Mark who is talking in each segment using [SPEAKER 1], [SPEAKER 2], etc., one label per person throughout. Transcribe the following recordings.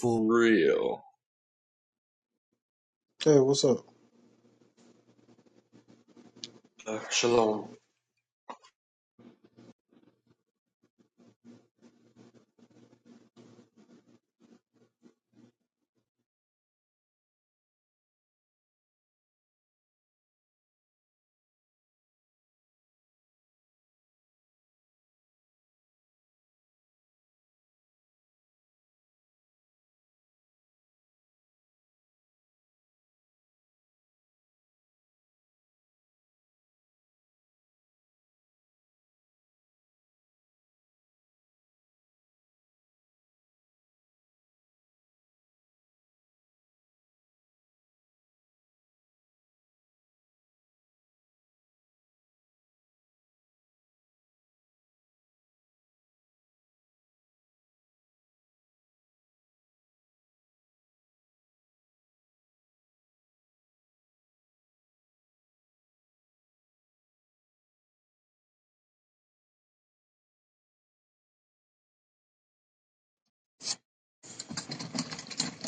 [SPEAKER 1] For real.
[SPEAKER 2] Hey, what's up?
[SPEAKER 1] Uh, shalom,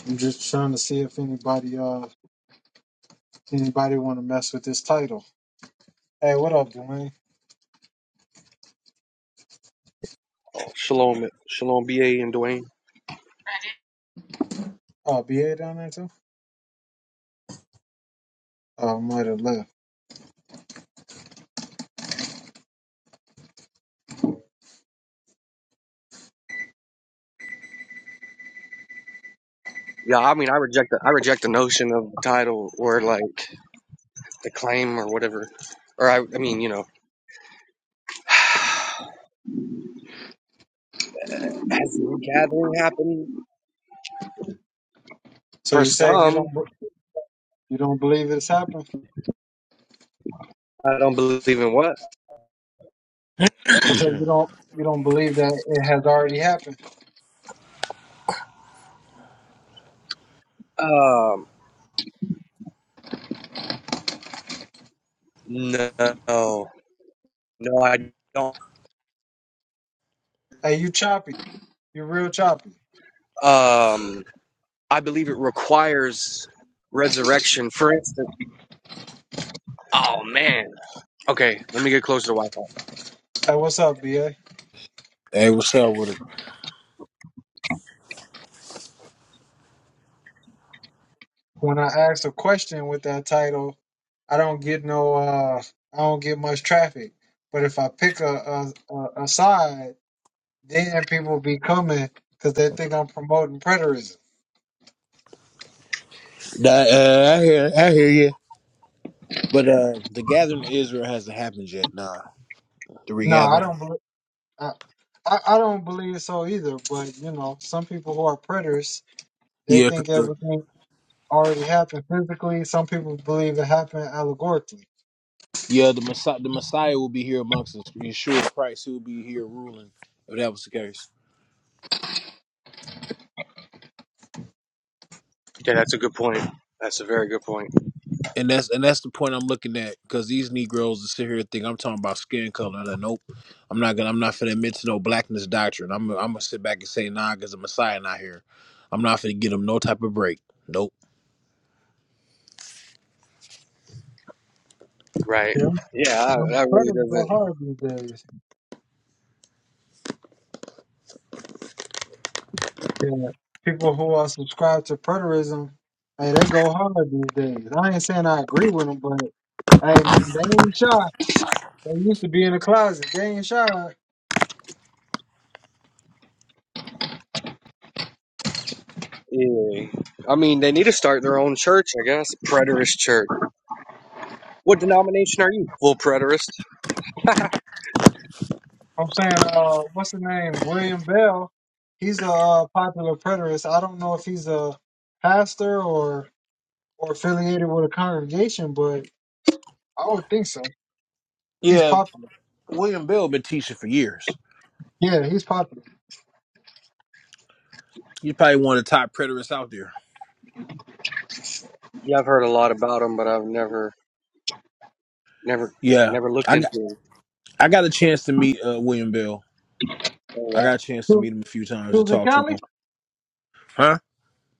[SPEAKER 2] I'm just trying to see if anybody uh anybody want to mess with this title. Hey, what up, Dwayne?
[SPEAKER 1] shalom, shalom, ba and Dwayne.
[SPEAKER 2] Uh, BA down there too? Oh, might have left.
[SPEAKER 1] Yeah, I mean, I reject the I reject the notion of the title or like the claim or whatever. Or I, I mean, you know, has the regathering happened
[SPEAKER 2] So
[SPEAKER 1] for
[SPEAKER 2] you say you
[SPEAKER 1] some?
[SPEAKER 2] don't you don't believe it's happened?
[SPEAKER 1] I don't believe in what.
[SPEAKER 2] I said you don't you don't believe that it has already happened.
[SPEAKER 1] Um, no, no, I don't.
[SPEAKER 2] Hey, you choppy. You're real choppy.
[SPEAKER 1] Um, I believe it requires resurrection. For instance, oh man. Okay, let me get closer to Wi-Fi.
[SPEAKER 2] Hey, what's up, BA?
[SPEAKER 3] Hey, what's up with it?
[SPEAKER 2] When I ask a question with that title, I don't get no uh I don't get much traffic. But if I pick a a, a, a side, then people be coming because they think I'm promoting preterism.
[SPEAKER 3] Nah, uh, I hear, I hear you. But uh, the gathering of Israel hasn't happened yet. Nah, the
[SPEAKER 2] No, I
[SPEAKER 3] regathering.
[SPEAKER 2] don't believe. I, I I don't believe so either. But you know, some people who are preterists, they
[SPEAKER 3] Yeah, 'cause
[SPEAKER 2] think
[SPEAKER 3] the
[SPEAKER 2] everything already happened physically. Some people believe it happened allegorically.
[SPEAKER 3] yeah the Messiah, the Messiah will be here amongst us. Yeshua Christ, he will be here ruling. If that was the case,
[SPEAKER 1] Okay, that's a good point. That's a very good point.
[SPEAKER 3] and that's and that's the point I'm looking at. Because these Negroes that sit here and think I'm talking about skin color. Nah, nope, I'm not gonna. I'm not gonna admit to no blackness doctrine. I'm I'm gonna sit back and say nah, because the Messiah not here. I'm not gonna give them no type of break. Nope.
[SPEAKER 1] Right.
[SPEAKER 2] Yeah,
[SPEAKER 1] Yeah, I-
[SPEAKER 2] some
[SPEAKER 1] that really
[SPEAKER 2] preterists go
[SPEAKER 1] doesn't.
[SPEAKER 2] hard these days. Yeah, people who are subscribed to preterism, hey, they go hard these days. I ain't saying I agree with them, but hey, man, they ain't shy. They used to be in the closet. They ain't shy.
[SPEAKER 1] Yeah. I mean, they need to start their own church, I guess. Preterist church. What denomination are you? Full preterist.
[SPEAKER 2] I'm saying, uh, what's the name? William Bell. He's a uh, popular preterist. I don't know if he's a pastor or or affiliated with a congregation, but I would think so. He's
[SPEAKER 3] Yeah,
[SPEAKER 2] popular.
[SPEAKER 3] William Bell been teaching for years.
[SPEAKER 2] Yeah, he's popular.
[SPEAKER 3] He's probably one of the top preterists out there.
[SPEAKER 1] Yeah, I've heard a lot about them, but I've never, never,
[SPEAKER 3] Yeah,
[SPEAKER 1] never looked
[SPEAKER 3] I
[SPEAKER 1] into
[SPEAKER 3] got
[SPEAKER 1] them.
[SPEAKER 3] I got a chance to meet uh, William Bell.
[SPEAKER 1] Oh
[SPEAKER 3] I
[SPEAKER 1] wow,
[SPEAKER 3] got a chance
[SPEAKER 2] He
[SPEAKER 3] to
[SPEAKER 2] was
[SPEAKER 3] meet him a few
[SPEAKER 2] he
[SPEAKER 3] times to
[SPEAKER 2] was in
[SPEAKER 3] talk to
[SPEAKER 2] Cali.
[SPEAKER 3] him. Huh?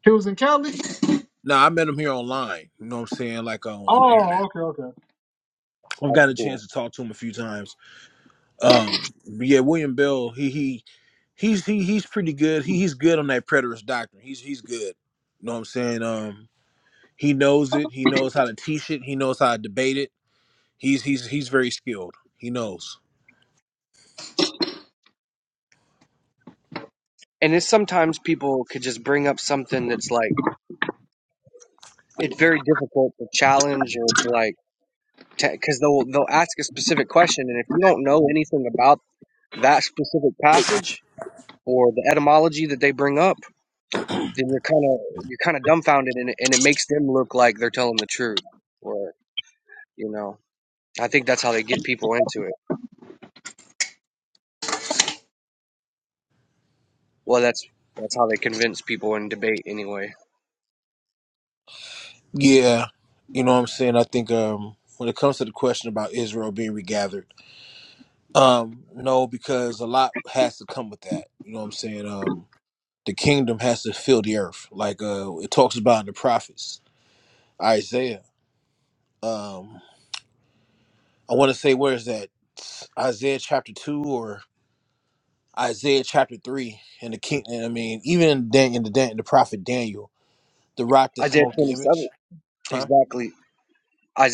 [SPEAKER 2] He was in Cali.
[SPEAKER 3] No, I met him here online. You know what I'm saying? Like uh, on the internet.
[SPEAKER 2] Oh, okay, okay.
[SPEAKER 3] I've
[SPEAKER 1] that's
[SPEAKER 3] got a chance
[SPEAKER 1] cool.
[SPEAKER 3] to talk to him a few times. Um, but yeah, William Bell. He he he's he he's pretty good. He he's good on that preterist doctrine. He's he's good. You know what I'm saying? Um, he knows it. He knows how to teach it. He knows how to debate it. He's he's he's very skilled. He knows.
[SPEAKER 1] And it's sometimes people could just bring up something that's like it's very difficult to challenge or to like because they'll they'll ask a specific question, and if you don't know anything about that specific passage or the etymology that they bring up then you're kind of you're kind of dumbfounded and it, and it makes them look like they're telling the truth or you know i think that's how they get people into it well that's that's how they convince people in debate anyway
[SPEAKER 3] Yeah, you know what I'm saying? I think um when it comes to the question about Israel being regathered, um, no, because a lot has to come with that. You know what I'm saying? Um the kingdom has to fill the earth. Like uh it talks about in the prophets, Isaiah. Um I wanna say where is that? Isaiah chapter two or Isaiah chapter three and the king and I mean, even in Dan in the Dan, the prophet Daniel, the rock that
[SPEAKER 1] isaiah
[SPEAKER 3] smote the
[SPEAKER 1] 27
[SPEAKER 3] image, huh?
[SPEAKER 1] exactly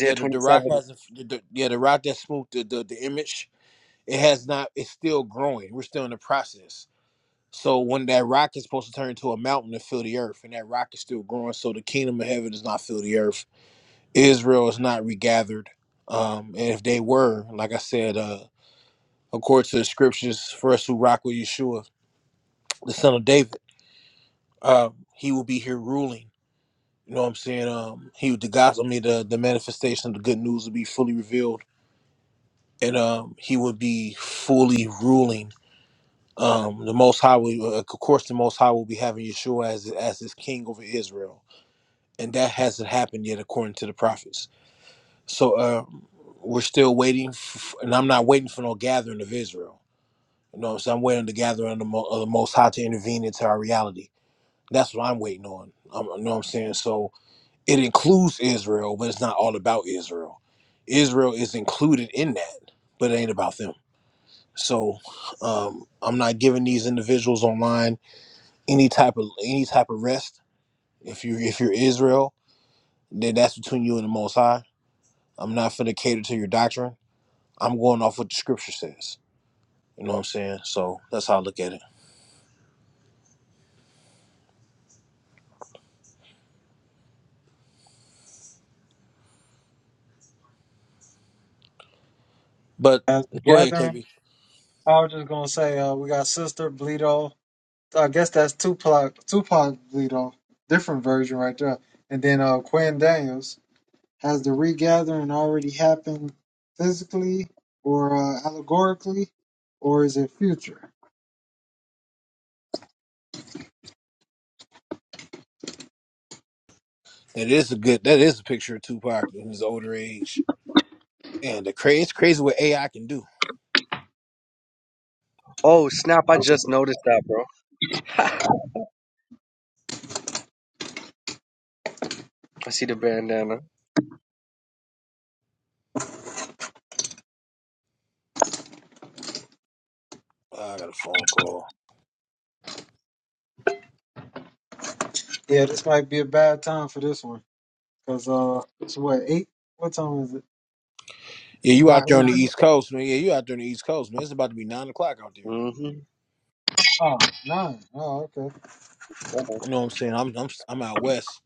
[SPEAKER 3] Yeah, the, the rock
[SPEAKER 1] 27
[SPEAKER 3] has a, the, the yeah, the rock that smote the, the the image It has not. It's still growing. We're still in the process. So when that rock is supposed to turn into a mountain to fill the earth, and that rock is still growing, so the kingdom of heaven does not fill the earth. Israel is not regathered. Um, and if they were, like I said, uh, according to the scriptures, for us who rock with Yeshua, the son of David, um, he will be here ruling. You know what I'm saying? Um, he the gospel, I mean, the the manifestation of the good news will be fully revealed, and um, he will be fully ruling um, the Most High, will, uh, of course, the Most High will be having Yeshua as as his king over Israel, and that hasn't happened yet, according to the prophets. So uh, we're still waiting, f and I'm not waiting for no gathering of Israel. You know, what I'm saying I'm waiting the gathering of the, Mo- of the Most High to intervene into our reality. That's what I'm waiting on. i you know what I'm saying? So it includes Israel, but it's not all about Israel. Israel is included in that, but it ain't about them. So um, I'm not giving these individuals online any type of any type of rest. If you if you're Israel, then that's between you and the Most High. I'm not finna cater to your doctrine. I'm going off what the Scripture says. You know what I'm saying? So that's how I look at it. But
[SPEAKER 2] As a
[SPEAKER 3] go ahead,
[SPEAKER 2] gathering,
[SPEAKER 3] KB.
[SPEAKER 2] I was just gonna say, uh, we got Sister Bleedo. I guess that's Tupac, Tupac Bleedo, different version right there. And then uh, Quinn Daniels. Has the regathering already happened physically or uh, allegorically, or is it future?
[SPEAKER 3] That is a good. That is a picture of Tupac in his older age. And the crazy, it's crazy what AI can do.
[SPEAKER 1] oh snap i just noticed that bro i see the bandana
[SPEAKER 3] Oh, I got a phone call.
[SPEAKER 2] Yeah, this might be a bad time for this one because uh, it's what eight? What time is it?
[SPEAKER 3] Yeah, you
[SPEAKER 2] By
[SPEAKER 3] out there on
[SPEAKER 2] eight
[SPEAKER 3] the
[SPEAKER 2] o'clock?
[SPEAKER 3] East Coast, man. Yeah, you out there on the East Coast, man. It's about to be nine o'clock out there.
[SPEAKER 1] mm-hmm
[SPEAKER 2] Oh, nine. Oh, okay.
[SPEAKER 3] You know what I'm saying? I'm I'm I'm out west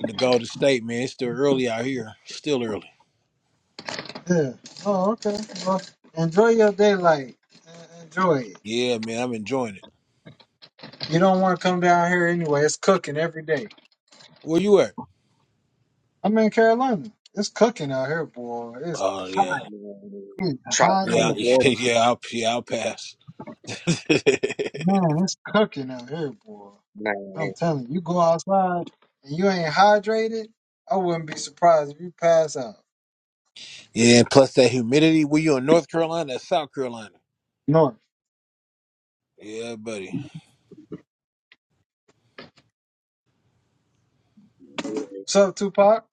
[SPEAKER 3] in the Golden State, man. It's still early out here. Still early.
[SPEAKER 2] Yeah. Oh, okay. Well, enjoy your daylight. En- Enjoy it.
[SPEAKER 3] Yeah, man, I'm enjoying it.
[SPEAKER 2] You don't want to come down here anyway. It's cooking every day.
[SPEAKER 3] Where you at?
[SPEAKER 2] I'm in Carolina. It's cooking out here, boy. It's
[SPEAKER 3] Oh
[SPEAKER 2] hot.
[SPEAKER 3] yeah,
[SPEAKER 2] It's
[SPEAKER 1] try
[SPEAKER 2] hot. I'm
[SPEAKER 1] come
[SPEAKER 3] yeah,
[SPEAKER 1] to
[SPEAKER 2] like,
[SPEAKER 1] florida
[SPEAKER 3] yeah. I'll yeah, I'll pass. yeah,
[SPEAKER 2] man, it's cooking out here, boy.
[SPEAKER 1] nah,
[SPEAKER 2] I'm telling you, you go outside and you ain't hydrated, I wouldn't be surprised if you pass out.
[SPEAKER 3] and plus that humidity. Were you in North Carolina or South Carolina?
[SPEAKER 2] No.
[SPEAKER 3] Yeah, buddy.
[SPEAKER 2] What's up, Tupac?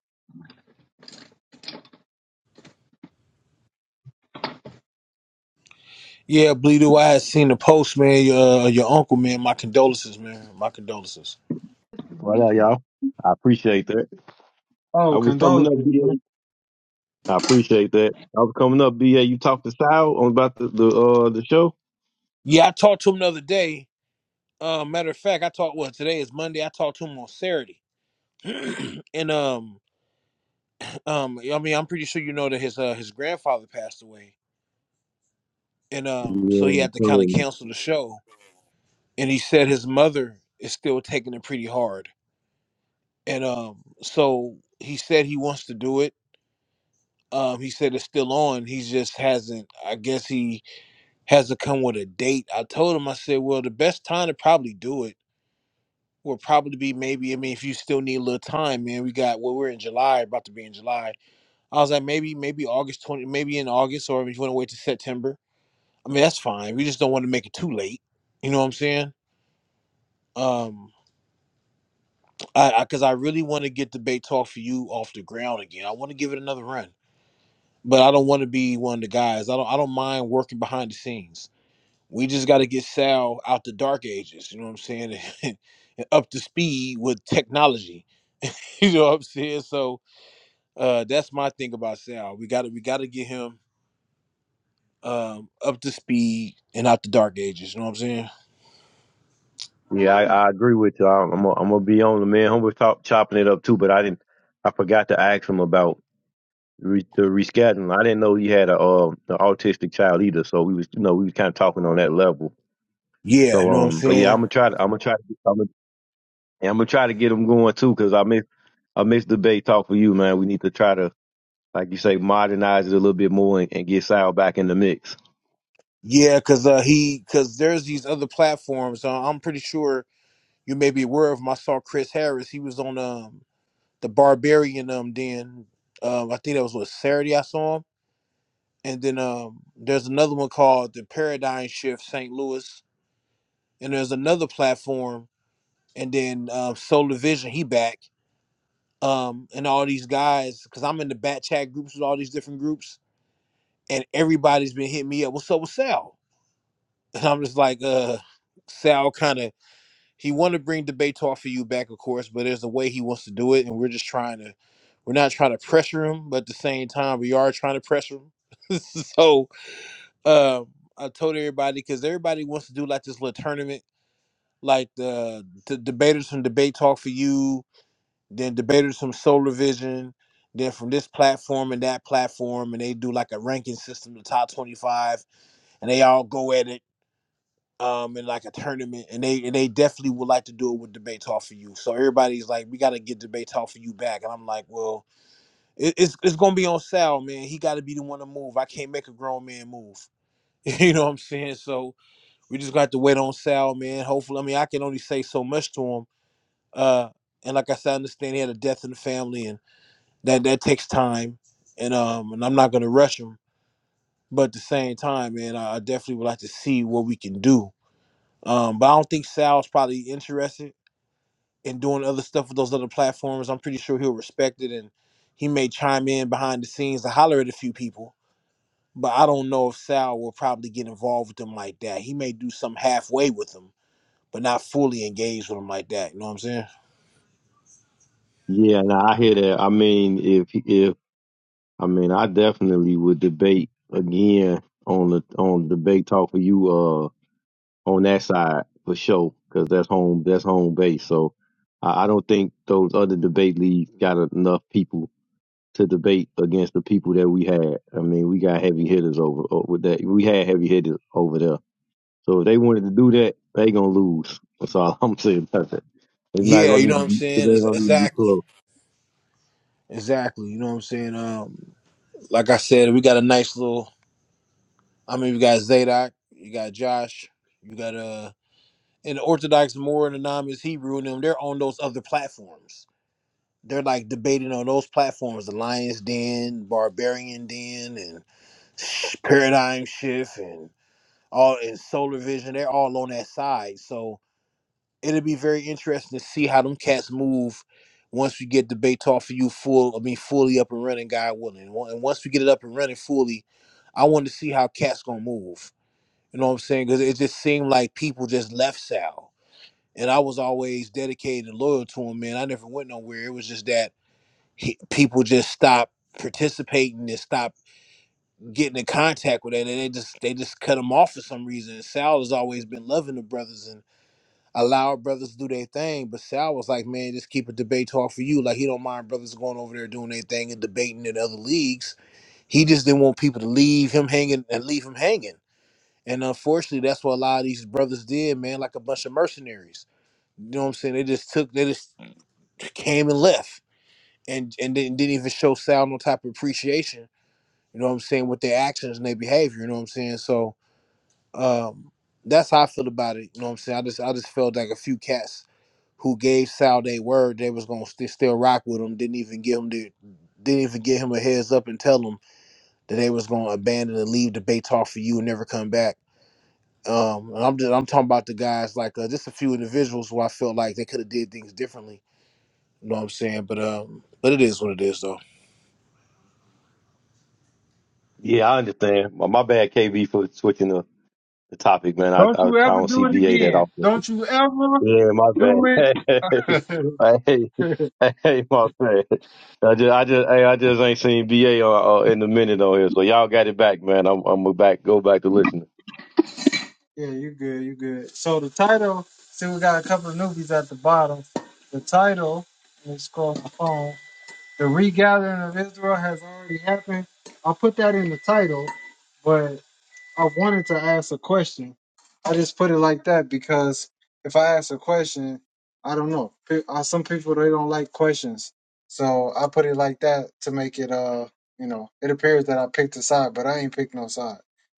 [SPEAKER 3] Yeah, Bleedo, I had seen the post, man. Your uh, your uncle, man. My condolences, man. My condolences.
[SPEAKER 4] Well, y'all. I appreciate that. I
[SPEAKER 2] Oh,
[SPEAKER 4] was coming up,
[SPEAKER 2] condolences, man.
[SPEAKER 4] BA. I appreciate that. I was coming up, BA. You talked to Sal on about the the uh the show.
[SPEAKER 3] Yeah, I talked to him the other day. Uh, matter of fact, I talked. Well, today is Monday. I talked to him on Saturday, and um, um, I mean, I'm pretty sure you know that his uh his grandfather passed away, and um, so
[SPEAKER 4] Yeah,
[SPEAKER 3] he had to kind of
[SPEAKER 4] um,
[SPEAKER 3] cancel the show and he said his mother is still taking it pretty hard and um so he said he wants to do it um he said it's still on he just hasn't i guess he has to come with a date i told him i said well the best time to probably do it will probably be maybe i mean if you still need a little time man we got well we're in july about to be in july i was like maybe maybe august 20 maybe in august or if you want to wait to september i mean that's fine we just don't want to make it too late you know what i'm saying Um. I because I, 'cause I really want to get debate talk for you off the ground again. I want to give it another run, but I don't want to be one of the guys. I don't I don't mind working behind the scenes. We just got to get Sal out the dark ages. You know what I'm saying? and up to speed with technology. You know what I'm saying? So uh, that's my thing about Sal. We got to we got to get him um, up to speed and out the dark ages. You know what I'm saying?
[SPEAKER 4] yeah. I, I agree with you. I'm I'm gonna I'm gonna be on the man. Humble talk chopping it up too, but I didn't. I forgot to ask him about re, the rescheduling. I didn't know he had a uh, an autistic child either. So we was you know we was kind of talking on that level.
[SPEAKER 3] Yeah, you
[SPEAKER 4] So
[SPEAKER 3] know what I'm
[SPEAKER 4] um, but yeah,
[SPEAKER 3] saying.
[SPEAKER 4] I'm gonna try to I'm gonna try to I'm gonna, I'm gonna try to get him going too because I miss I miss the Bay talk for you, man. We need to try to like you say, modernize it a little bit more and, and get Sal back in the mix.
[SPEAKER 3] Yeah, because uh, he because there's these other platforms. Uh, I'm pretty sure you may be aware of. 'em. I saw Chris Harris. He was on um the Barbarian um then um I think that was what Saturday I saw him. And then um there's another one called the Paradigm Shift St. Louis. And there's another platform. And then um, Solar Vision he back. Um and all these guys because I'm in the bat chat groups with all these different groups and everybody's been hitting me up. What's up with Sal? And I'm just like uh. Sal kind of he want to bring debate talk for you back, of course, but there's a way he wants to do it, and we're just trying to, we're not trying to pressure him, but at the same time, we are trying to pressure him. so um, I told everybody because everybody wants to do like this little tournament, like the, the debaters from debate talk for you, then debaters from Solar Vision, then from this platform and that platform, and they do like a ranking system, the top twenty five, and they all go at it um in like a tournament and they and they definitely would like to do it with debate talk for you so everybody's like we got to get debate talk for you back and i'm like well it, it's it's gonna be on sal man he got to be the one to move i can't make a grown man move you know what i'm saying so we just got to wait on sal man hopefully i mean i can only say so much to him uh and like i said i understand he had a death in the family and that that takes time and um and i'm not gonna rush him but at the same time man i I definitely would like to see what we can do Um, but I don't think Sal's probably interested in doing other stuff with those other platforms. I'm pretty sure he'll respect it and he may chime in behind the scenes and holler at a few people. But I don't know if Sal will probably get involved with them like that. He may do some halfway with them, but not fully engaged with them like that. You know what I'm saying?
[SPEAKER 4] Yeah, no, I hear that. I mean, if if I mean, I definitely would debate again on the on debate talk for you uh on that side for sure because that's home that's home base. So I, I don't think those other debate leagues got enough people to debate against the people that we had. I mean, we got heavy hitters over o- with that. We had heavy hitters over there. So if they wanted to do that, they gonna lose. That's all I'm saying. It's not
[SPEAKER 3] Yeah, you
[SPEAKER 4] gonna
[SPEAKER 3] know what
[SPEAKER 4] even
[SPEAKER 3] I'm
[SPEAKER 4] be, it
[SPEAKER 3] saying? Ex-
[SPEAKER 4] don't even be
[SPEAKER 3] Exactly.
[SPEAKER 4] close.
[SPEAKER 3] Exactly. You know what I'm saying? Um, like I said, we got a nice little I mean we got Zadok, you got Josh, you got uh and the Orthodox, more and anonymous Hebrew, and them, they're on those other platforms. They're like debating on those platforms, the Lion's Den, Barbarian Den, and Paradigm Shift, and all and Solar Vision. They're all on that side. So it'll be very interesting to see how them cats move once we get debate talk for you full. I mean, fully up and running, God willing. And on- and once we get it up and running fully, I want to see how cats gonna move. You know what I'm saying? Because it just seemed like people just left Sal and I was always dedicated and loyal to him, man. I never went nowhere. It was just that he, people just stopped participating and stopped getting in contact with it, and they just they just cut him off for some reason. And Sal has always been loving the brothers and allow brothers to do their thing, but Sal was like, man, just keep a debate talk for you. Like he don't mind brothers going over there doing their thing and debating in other leagues. He just didn't want people to leave him hanging and leave him hanging. And unfortunately, that's what a lot of these brothers did, man, like a bunch of mercenaries. You know what I'm saying? They just took they just came and left and and didn't, didn't even show Sal no type of appreciation. You know what I'm saying with their actions and their behavior. You know what I'm saying. So um, that's how I feel about it. You know what I'm saying. I just I just felt like a few cats who gave Sal their word they was gonna st- still rock with him. Didn't even give him the didn't even give him a heads up and tell him that they was gonna abandon and leave the Baytalk for you and never come back. Um, and I'm just, I'm talking about the guys like uh, just a few individuals who I felt like they could have did things differently. You know what I'm saying? But um, but it is what it is though.
[SPEAKER 4] Yeah, I understand. My, my bad, KB, for switching the, the topic, man. I,
[SPEAKER 2] Don't
[SPEAKER 4] I
[SPEAKER 2] you
[SPEAKER 4] I
[SPEAKER 2] ever
[SPEAKER 4] don't see
[SPEAKER 2] do it
[SPEAKER 4] BA that
[SPEAKER 2] again.
[SPEAKER 4] often.
[SPEAKER 2] Don't you ever
[SPEAKER 4] Yeah, my
[SPEAKER 2] do
[SPEAKER 4] bad.
[SPEAKER 2] it.
[SPEAKER 4] hey, hey, hey, my bad. I just, I just, hey, I just ain't seen BA on, uh, uh, in a minute on here. So y'all got it back, man. I'm, I'm gonna back, go back to listening.
[SPEAKER 2] yeah, you good, you good. So the title, see we got a couple of newbies at the bottom. The title, let me scroll my phone. The regathering of Israel has already happened. I'll put that in the title, but. I wanted to ask a question. I just put it like that because if I ask a question, I don't know. Pe- uh, Some people they don't like questions, so I put it like that to make it uh you know it appears that I picked a side, but I ain't picked no side.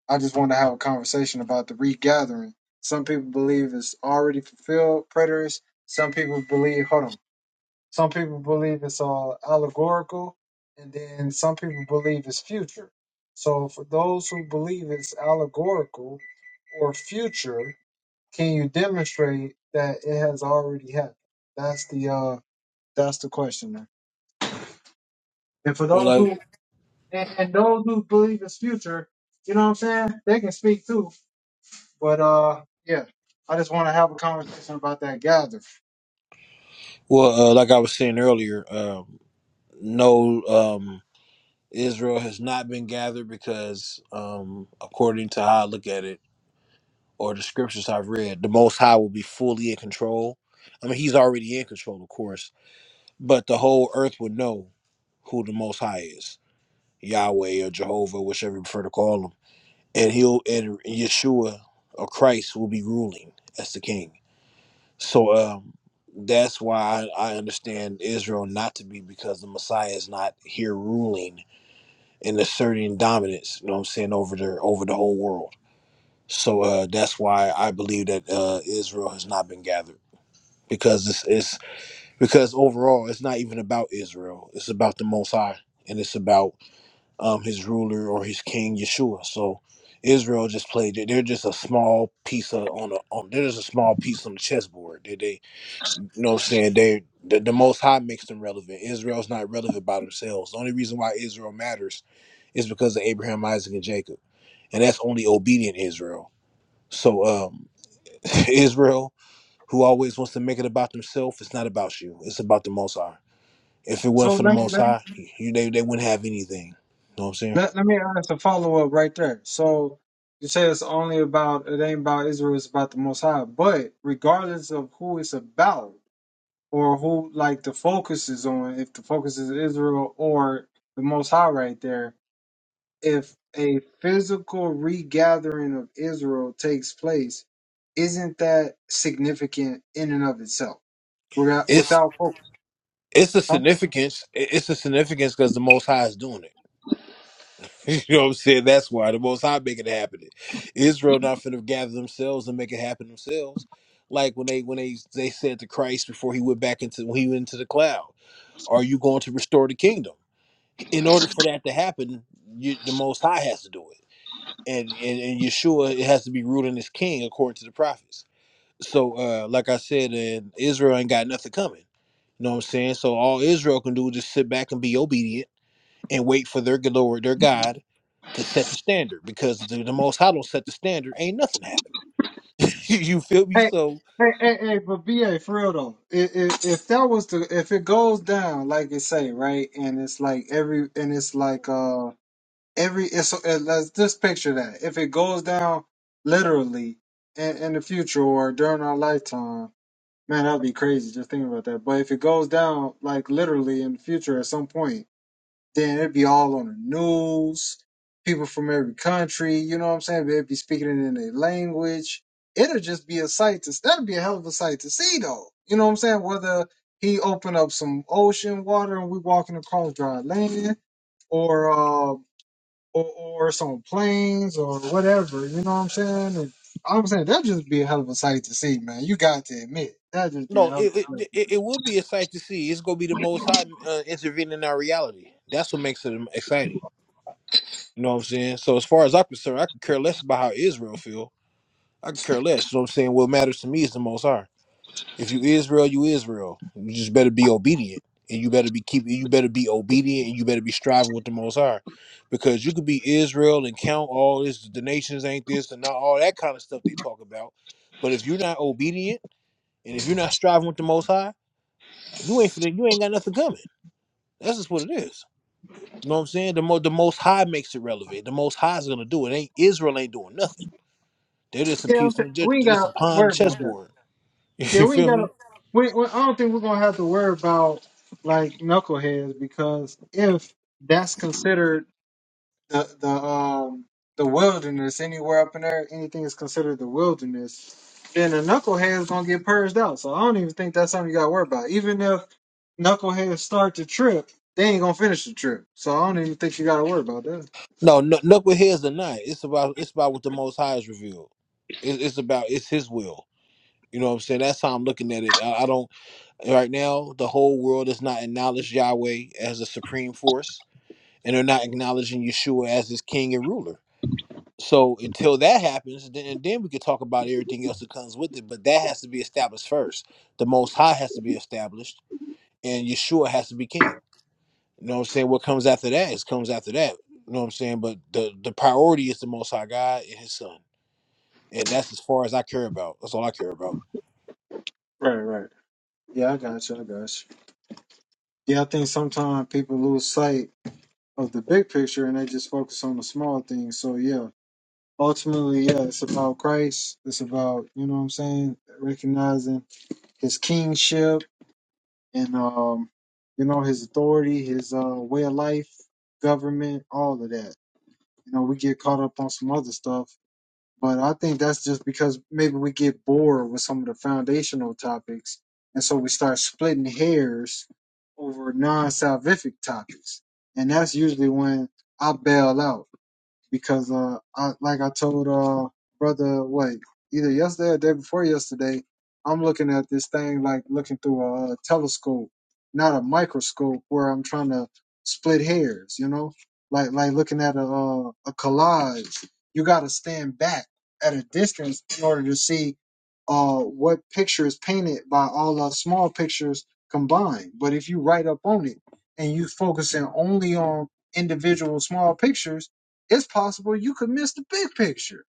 [SPEAKER 2] I just want to have a conversation about the regathering. Some people believe it's already fulfilled, preterists. Some people believe. Hold on. Some people believe it's all allegorical, and then some people believe it's future. So, for those who believe it's allegorical or future, can you demonstrate that it has already happened? That's the uh, that's the question there. And for
[SPEAKER 3] Well,
[SPEAKER 2] those
[SPEAKER 3] like,
[SPEAKER 2] who and, and those who believe it's future, you know what I'm saying? They can speak too. But uh, yeah, I just want to have a conversation about that gather.
[SPEAKER 3] well, uh, like I was saying earlier, um, no, um, Israel has not been gathered because, um, according to how I look at it, or the scriptures I've read, the Most High will be fully in control. I mean, He's already in control, of course, but the whole earth would know who the Most High is, Yahweh or Jehovah, whichever you prefer to call Him, and He'll and Yeshua or Christ will be ruling as the King. So um, that's why I, I understand Israel not to be because the Messiah is not here ruling and asserting dominance. You know what I'm saying over the over the whole world. So uh, that's why I believe that uh, Israel has not been gathered because it's, it's because overall it's not even about Israel. It's about the Most High and it's about um, his ruler or his king Yeshua. So. Israel just played. They're just a small piece of on a. On, they're just a small piece on the chessboard. They they you know what I'm saying? They the, the most high makes them relevant. Israel's not relevant by themselves. The only reason why Israel matters is because of Abraham, Isaac, and Jacob. And that's only obedient Israel. So um Israel, who always wants to make it about themselves, it's not about you. It's about the most high. If it wasn't
[SPEAKER 2] So
[SPEAKER 3] for the
[SPEAKER 2] let
[SPEAKER 3] most
[SPEAKER 2] me.
[SPEAKER 3] high, you they, they wouldn't have anything. You know what I'm saying?
[SPEAKER 2] Let, let me ask a follow up right there. So you say it's only about it ain't about Israel, it's about the Most High. But regardless of who it's about or who like the focus is on, if the focus is Israel or the Most High right there, if a physical regathering of Israel takes place, isn't that significant in and of itself? Without
[SPEAKER 3] It's
[SPEAKER 2] without focus,
[SPEAKER 3] it's a significance. it- It's a significance because the most high is doing it. You know what I'm saying? That's why the Most High make it happen. Israel not finna gather themselves and make it happen themselves. Like when they when they they said to Christ before he went back into when he went into the cloud, "Are you going to restore the kingdom?" In order for that to happen, you, the Most High has to do it, and, and and Yeshua it has to be ruling as king according to the prophets. So, uh, like I said, and Israel ain't got nothing coming. You know what I'm saying? So all Israel can do is just sit back and be obedient and wait for their Lord, their God, to set the standard. Because the, the Most High don't set the standard, ain't nothing happening. you feel me?
[SPEAKER 2] Hey,
[SPEAKER 3] So
[SPEAKER 2] hey, hey, hey, but BA, for real though, if, if if that was the if it goes down like it say right, and it's like every and it's like uh every it's uh, let's just picture that if it goes down literally in, in the future or during our lifetime, man, that'd be crazy just thinking about that. But if it goes down like literally in the future at some point, then it'd be all on the news. People from every country, you know what I'm saying? They'd be speaking it in their language. It'll just be a sight to that'd be a hell of a sight to see though. You know what I'm saying? Whether he opened up some ocean water and we walking across dry land or uh or, or some plains or whatever, you know what I'm saying? And I'm saying that'd just be a hell of a sight to see, man. You got to admit. That'd just be a
[SPEAKER 3] no,
[SPEAKER 2] hell of
[SPEAKER 3] it
[SPEAKER 2] a sight.
[SPEAKER 3] it, it it would be a sight to see. It's gonna be the Most High uh, intervening in our reality. That's what makes it exciting. You know what I'm saying? So as far as I'm concerned, I could care less about how Israel feel. I could care less. You know what I'm saying? What matters to me is the Most High. If you Israel, you Israel. You just better be obedient, and you better be keep. You better be obedient, and you better be striving with the Most High, because you could be Israel and count all this. The nations ain't this and not all that kind of stuff they talk about. But if you're not obedient, and if you're not striving with the Most High, you ain't finna, you ain't got nothing coming. That's just what it is. You know what I'm saying? The mo- the Most High makes it relevant. The Most High is gonna do it. Ain't Israel ain't doing nothing. They're just a
[SPEAKER 2] Yeah, I'm
[SPEAKER 3] piece on
[SPEAKER 2] saying,
[SPEAKER 3] the ju-
[SPEAKER 2] we ain't
[SPEAKER 3] they're just a
[SPEAKER 2] gotta
[SPEAKER 3] pawn on the
[SPEAKER 2] worry about that.
[SPEAKER 3] chessboard.
[SPEAKER 2] Yeah,
[SPEAKER 3] You
[SPEAKER 2] we ain't
[SPEAKER 3] feel me?
[SPEAKER 2] gotta. We, we, I don't think we're gonna have to worry about like knuckleheads because if that's considered the the um the wilderness anywhere up in there, anything is considered the wilderness, then the knucklehead is gonna get purged out. So I don't even think that's something you gotta worry about. Even if knuckleheads start the trip, they ain't gonna finish the trip. So I don't even think you gotta worry about that.
[SPEAKER 3] No, no, look with his or not. It's about it's about what the Most High is revealed. It, it's about it's His will. You know what I'm saying? That's how I'm looking at it. I, I don't right now. The whole world does not acknowledge Yahweh as a supreme force, and they're not acknowledging Yeshua as his king and ruler. So until that happens, then and then we could talk about everything else that comes with it. But that has to be established first. The Most High has to be established, and Yeshua has to be king. You know what I'm saying? What comes after that is comes after that. You know what I'm saying? But the the priority is the Most High God and His Son, and that's as far as I care about. That's all I care about.
[SPEAKER 2] Right, right. Yeah, I got you. I got you. Yeah, I think sometimes people lose sight of the big picture and they just focus on the small things. So yeah, ultimately, yeah, it's about Christ. It's about, you know what I'm saying, recognizing his kingship and um, you know, his authority, his uh way of life, government, all of that. You know, we get caught up on some other stuff. But I think that's just because maybe we get bored with some of the foundational topics and so we start splitting hairs over non salvific topics. And that's usually when I bail out because uh, I like I told uh brother what either yesterday or day before yesterday, I'm looking at this thing like looking through a, uh telescope, not a microscope, where I'm trying to split hairs. You know, like like looking at a uh, a collage. You got to stand back at a distance in order to see uh what picture is painted by all the small pictures combined. But if you right up on it and you focusing only on individual small pictures it's possible you could miss the big picture.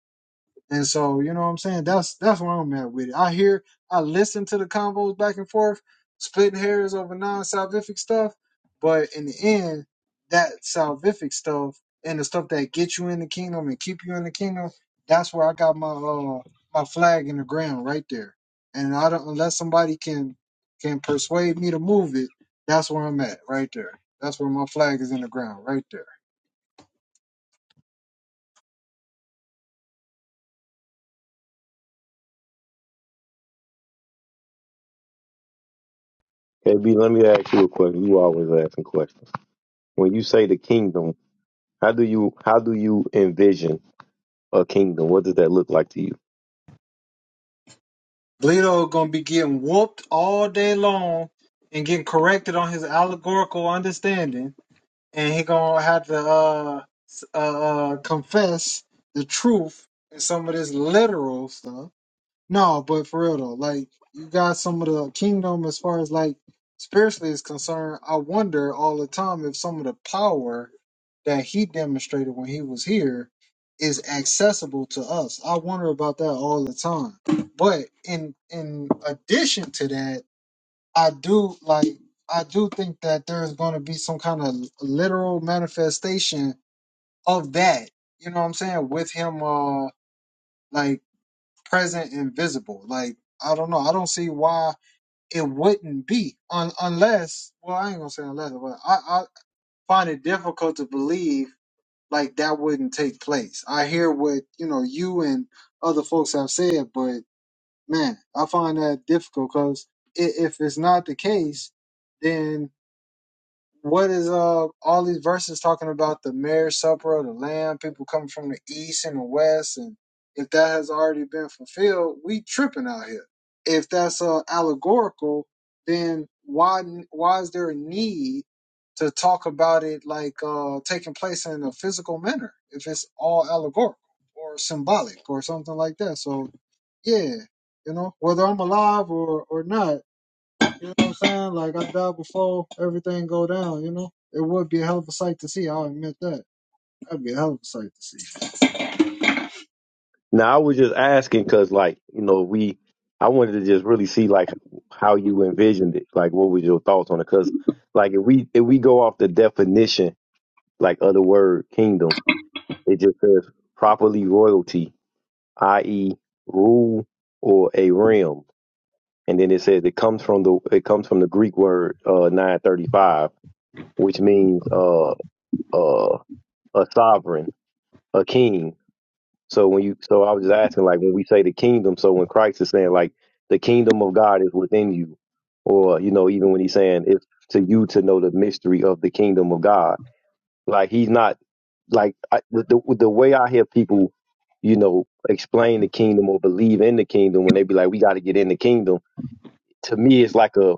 [SPEAKER 2] And so, you know what I'm saying? That's that's where I'm at with it. I hear, I listen to the combos back and forth, splitting hairs over non-salvific stuff, but in the end, that salvific stuff and the stuff that get you in the kingdom and keep you in the kingdom, that's where I got my uh my flag in the ground right there. And I don't unless somebody can can persuade me to move it, that's where I'm at right there. That's where my flag is in the ground right there.
[SPEAKER 4] KB, let me ask you a question. You always asking questions. When you say the kingdom, how do you, how do you envision a kingdom? What does that look like to you?
[SPEAKER 2] Bleedo gonna be getting whooped all day long and getting corrected on his allegorical understanding, and he gonna have to uh, s- uh, uh confess the truth in some of this literal stuff. No, but for real though, like you got some of the kingdom as far as like spiritually is concerned. I wonder all the time if some of the power that he demonstrated when he was here is accessible to us. I wonder about that all the time. But in in addition to that, I do like I do think that there's going to be some kind of literal manifestation of that. You know what I'm saying? With him, uh, like present and visible. Like I don't know. I don't see why it wouldn't be un- unless. Well, I ain't gonna say unless, but I, I find it difficult to believe like that wouldn't take place. I hear what you know you and other folks have said, but man, I find that difficult because if it's not the case, then what is uh all these verses talking about the marriage supper of the lamb, people coming from the east and the west, and if that has already been fulfilled, we tripping out here. If that's uh allegorical, then why why is there a need to talk about it like uh taking place in a physical manner if it's all allegorical or symbolic or something like that? So yeah, you know whether I'm alive or or not you know what I'm saying? Like I died before everything go down. You know, it would be a hell of a sight to see. I'll admit that. That'd be a hell of a sight to see.
[SPEAKER 4] Now I was just asking because, like, you know, we I wanted to just really see like how you envisioned it, like what was your thoughts on it? Because, like, if we if we go off the definition, like, of the word kingdom, it just says properly royalty, i.e., rule or a realm, and then it says it comes from the it comes from the Greek word uh, nine thirty five, which means uh uh a sovereign, a king. So when you, so I was just asking, like when we say the kingdom, so when Christ is saying like the kingdom of God is within you, or you know, even when he's saying it's to you to know the mystery of the kingdom of God, like he's not like I, with the the way I hear people, you know, explain the kingdom or believe in the kingdom when they be like, we got to get in the kingdom. To me, it's like a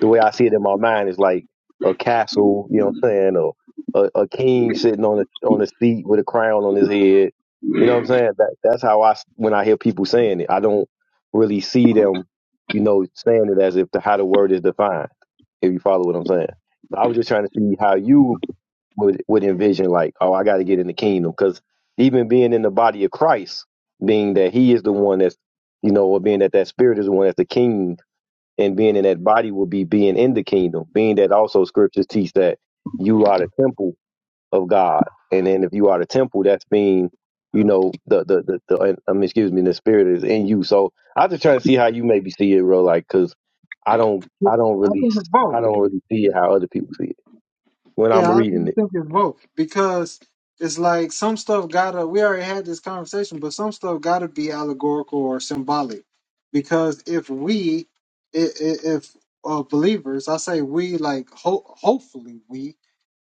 [SPEAKER 4] the way I see it in my mind is like a castle, you know what I'm saying, or a, a king sitting on a on a seat with a crown on his head. You know what I'm saying? That that's how I s- when I hear people saying it, I don't really see them, you know, saying it as if the how the word is defined. If you follow what I'm saying, so I was just trying to see how you would would envision like, oh, I got to get in the kingdom because even being in the body of Christ, being that He is the one that's, you know, or being that that Spirit is the one that's the king and being in that body will be being in the kingdom, being that also scriptures teach that you are the temple of God. And then if you are the temple, that's being, you know, the, the, the, the um, excuse me, the spirit is in you. So I just trying to see how you maybe see it, bro. Like, cause I don't, I don't
[SPEAKER 2] I
[SPEAKER 4] really,
[SPEAKER 2] think it's
[SPEAKER 4] I
[SPEAKER 2] both.
[SPEAKER 4] don't really see it how other people see it when I'm
[SPEAKER 2] Yeah, I really
[SPEAKER 4] reading it.
[SPEAKER 2] think it's both because it's like some stuff gotta. We already had this conversation, but some stuff gotta be allegorical or symbolic because if we, i- i- if uh, believers, I say we like ho- hopefully we.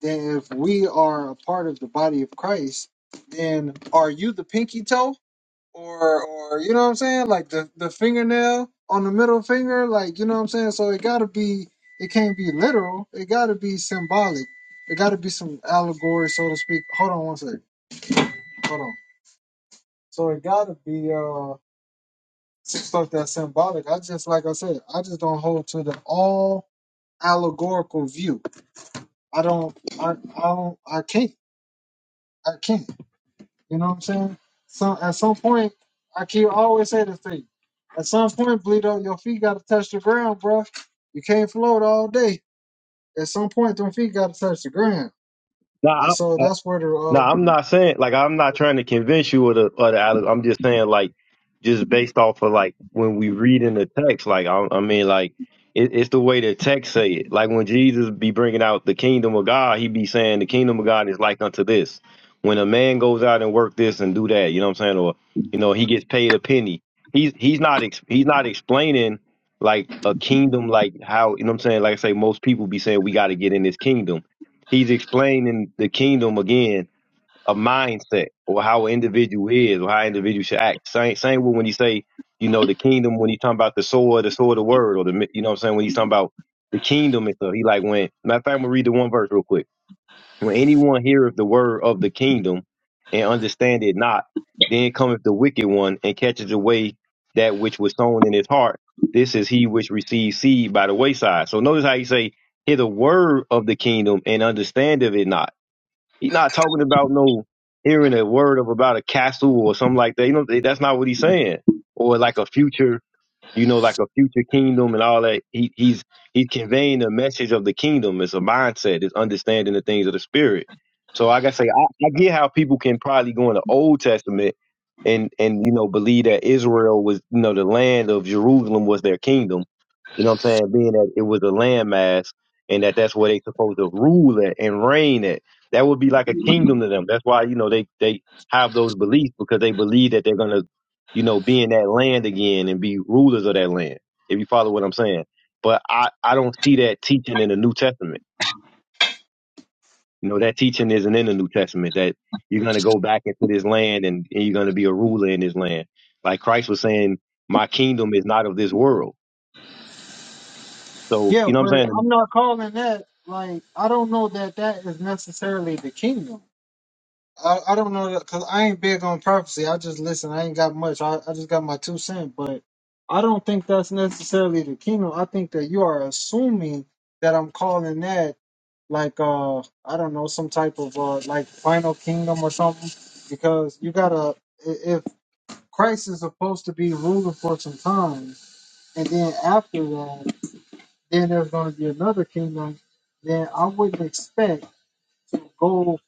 [SPEAKER 2] Then if we are a part of the body of Christ, then are you the pinky toe? or or you know what I'm saying, like the the fingernail on the middle finger, like you know what I'm saying. So it gotta be, it can't be literal. It gotta be symbolic. It gotta be some allegory, so to speak. Hold on one second. Hold on. So it gotta be uh some stuff that's symbolic. I just like I said, I just don't hold to the all allegorical view. I don't. I I don't. I can't. I can't. You know what I'm saying? So at some point, I keep I always say this to you. At some point, Bleedo, your feet gotta touch the ground, bruh. You can't float all day. At some point, them feet gotta touch the ground. And
[SPEAKER 4] Nah,
[SPEAKER 2] so that's where the
[SPEAKER 4] No,
[SPEAKER 2] uh,
[SPEAKER 4] I'm not saying like I'm not trying to convince you or the or the alle- I'm just saying like just based off of like when we read in the text, like I, I mean like it, it's the way the text say it. Like when Jesus be bringing out the kingdom of God, he be saying the kingdom of God is like unto this. When a man goes out and work this and do that, you know what I'm saying, or you know he gets paid a penny. He's he's not ex, he's not explaining like a kingdom like how you know what I'm saying. Like I say, most people be saying we got to get in this kingdom. He's explaining the kingdom again a mindset or how an individual is or how an individual should act. Same same with when you say, you know, the kingdom when he's talking about the sword, the sword of the word, or the mi- you know what I'm saying, when he's talking about the kingdom and stuff. He like when matter of fact, I'm gonna read the one verse real quick. When anyone heareth the word of the kingdom and understand it not, then cometh the wicked one and catches away that which was sown in his heart. This is he which receives seed by the wayside. So notice how he say, hear the word of the kingdom and understand of it not. He's not talking about no hearing a word of about a castle or something like that. You know, that's not what he's saying. Or like a future you know, like a future kingdom and all that. He, he's he's conveying the message of the kingdom. It's a mindset. It's understanding the things of the spirit. So, like I say, I, I get how people can probably go in the Old Testament and and you know believe that Israel was you know the land of Jerusalem was their kingdom. You know what I'm saying? Being that it was a landmass and that that's where they supposed to rule at and reign at. That would be like a kingdom to them. That's why you know they they have those beliefs because they believe that they're gonna you know, be in that land again and be rulers of that land, if you follow what I'm saying. But I, I don't see that teaching in the New Testament. You know, that teaching isn't in the New Testament that you're going to go back into this land and, and you're going to be a ruler in this land. Like Christ was saying, my kingdom is not of this world. So,
[SPEAKER 2] yeah.
[SPEAKER 4] you know what
[SPEAKER 2] But
[SPEAKER 4] I'm saying?
[SPEAKER 2] I'm not calling that like I don't know that that is necessarily the kingdom. I, I don't know that because I ain't big on prophecy. I just listen. I ain't got much. I, I just got my two cents. But I don't think that's necessarily the kingdom. I think that you are assuming that I'm calling that like uh I don't know some type of uh like final kingdom or something because you gotta i- if Christ is supposed to be ruling for some time and then after that then there's gonna be another kingdom then I wouldn't expect to go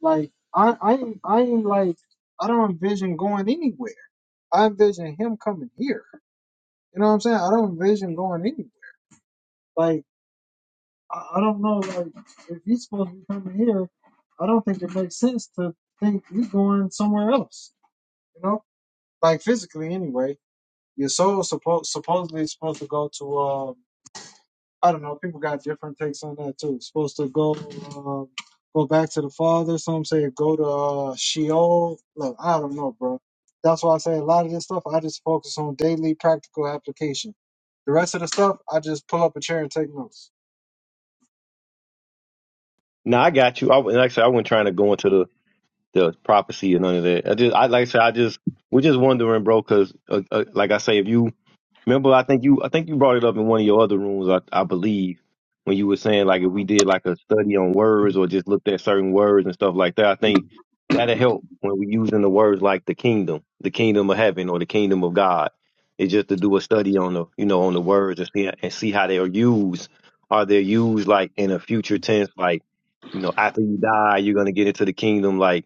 [SPEAKER 2] like I I ain't- I ain't like I don't envision going anywhere I envision him coming here you know what I'm saying I don't envision going anywhere Like. I, I don't know, like, if you're supposed to be coming here, I don't think it makes sense to think you're going somewhere else. You know, like physically anyway. Your soul suppo- supposedly is supposed to go to. Um, I don't know. People got different takes on that too. It's supposed to go um, go back to the Father. Some say go to uh, Sheol. Look, I don't know, bro. That's why I say a lot of this stuff. I just focus on daily practical application. The rest of the stuff, I just pull up a chair and take notes.
[SPEAKER 4] Now I got you. I, like I said, I wasn't trying to go into the, the prophecy and none of that. I just, I like I said, I just, we're just wondering, bro, because uh, uh, like I say, if you Remember, I think you I think you brought it up in one of your other rooms, I, I believe, when you were saying like if we did like a study on words or just looked at certain words and stuff like that, I think that'll help when we're using the words like the kingdom, the kingdom of heaven or the kingdom of God. It's just to do a study on the you know on the words and see and see how they are used. Are they used like in a future tense, like you know after you die you're gonna get into the kingdom, like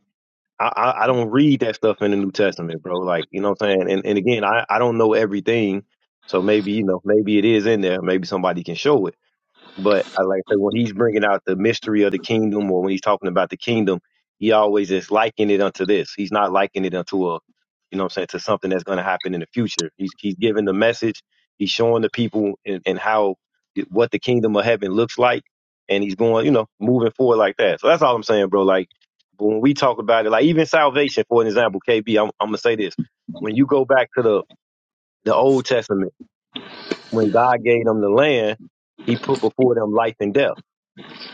[SPEAKER 4] I, I I don't read that stuff in the New Testament, bro. Like, you know what I'm saying? And and again, I, I don't know everything. So maybe, you know, maybe it is in there. Maybe somebody can show it. But I like I say when he's bringing out the mystery of the kingdom, or when he's talking about the kingdom, he always is likening it unto this. He's not likening it unto a, you know, what I'm saying to something that's going to happen in the future. He's he's giving the message. He's showing the people and, and how it- what the kingdom of heaven looks like, and he's going, you know, moving forward like that. So that's all I'm saying, bro. Like but when we talk about it, like even salvation, for an example, KB, I'm, I'm gonna say this: when you go back to the the Old Testament, when God gave them the land, He put before them life and death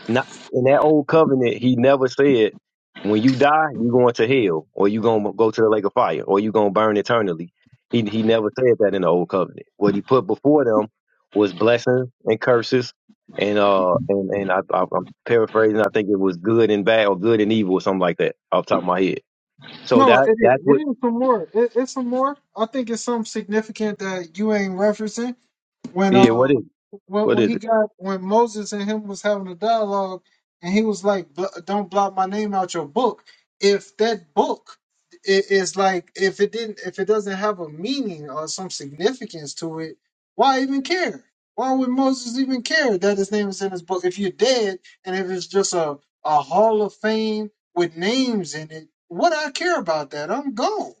[SPEAKER 4] not in that old covenant, he never said, "When you die, you going to hell, or you gonna go to the lake of fire, or you gonna burn eternally." He he never said that in the old covenant. What he put before them was blessings and curses, and uh and and I, I I'm paraphrasing. I think it was good and bad, or good and evil, or something like that, off the top of my head. So
[SPEAKER 2] No, no, it,
[SPEAKER 4] that that's
[SPEAKER 2] ain't- it
[SPEAKER 4] what
[SPEAKER 2] is some more. It, it's some more. I think it's something significant that you ain't referencing when
[SPEAKER 4] yeah. What
[SPEAKER 2] uh
[SPEAKER 4] is it?
[SPEAKER 2] when,
[SPEAKER 4] what
[SPEAKER 2] when
[SPEAKER 4] is
[SPEAKER 2] he
[SPEAKER 4] it?
[SPEAKER 2] got when Moses and him was having a dialogue and he was like "Bl- don't blot my name out your book if that book i- is like if it didn't if it doesn't have a meaning or some significance to it why even care why would Moses even care that his name is in his book if you're dead and if it's just a a hall of fame with names in it what I care about that I'm gone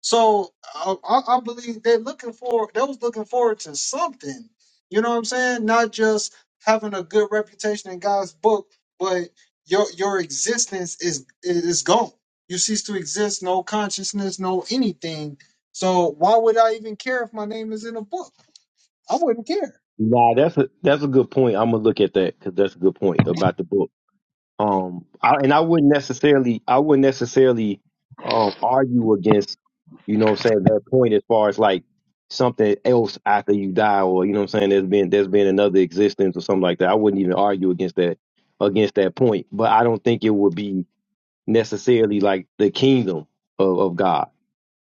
[SPEAKER 2] so I, I I believe they're looking for they was looking forward to something. You know what I'm saying? Not just having a good reputation in God's book, but your your existence is is gone. You cease to exist, no consciousness, no anything. So why would I even care if my name is in a book? I wouldn't care.
[SPEAKER 4] Nah, that's a that's a good point. I'm gonna look at that because that's a good point about the book. Um, I, and I wouldn't necessarily, I wouldn't necessarily um, argue against, you know, what I'm saying that point as far as like something else after you die, or you know, what I'm saying there's been there's been another existence or something like that. I wouldn't even argue against that against that point, but I don't think it would be necessarily like the kingdom of, of God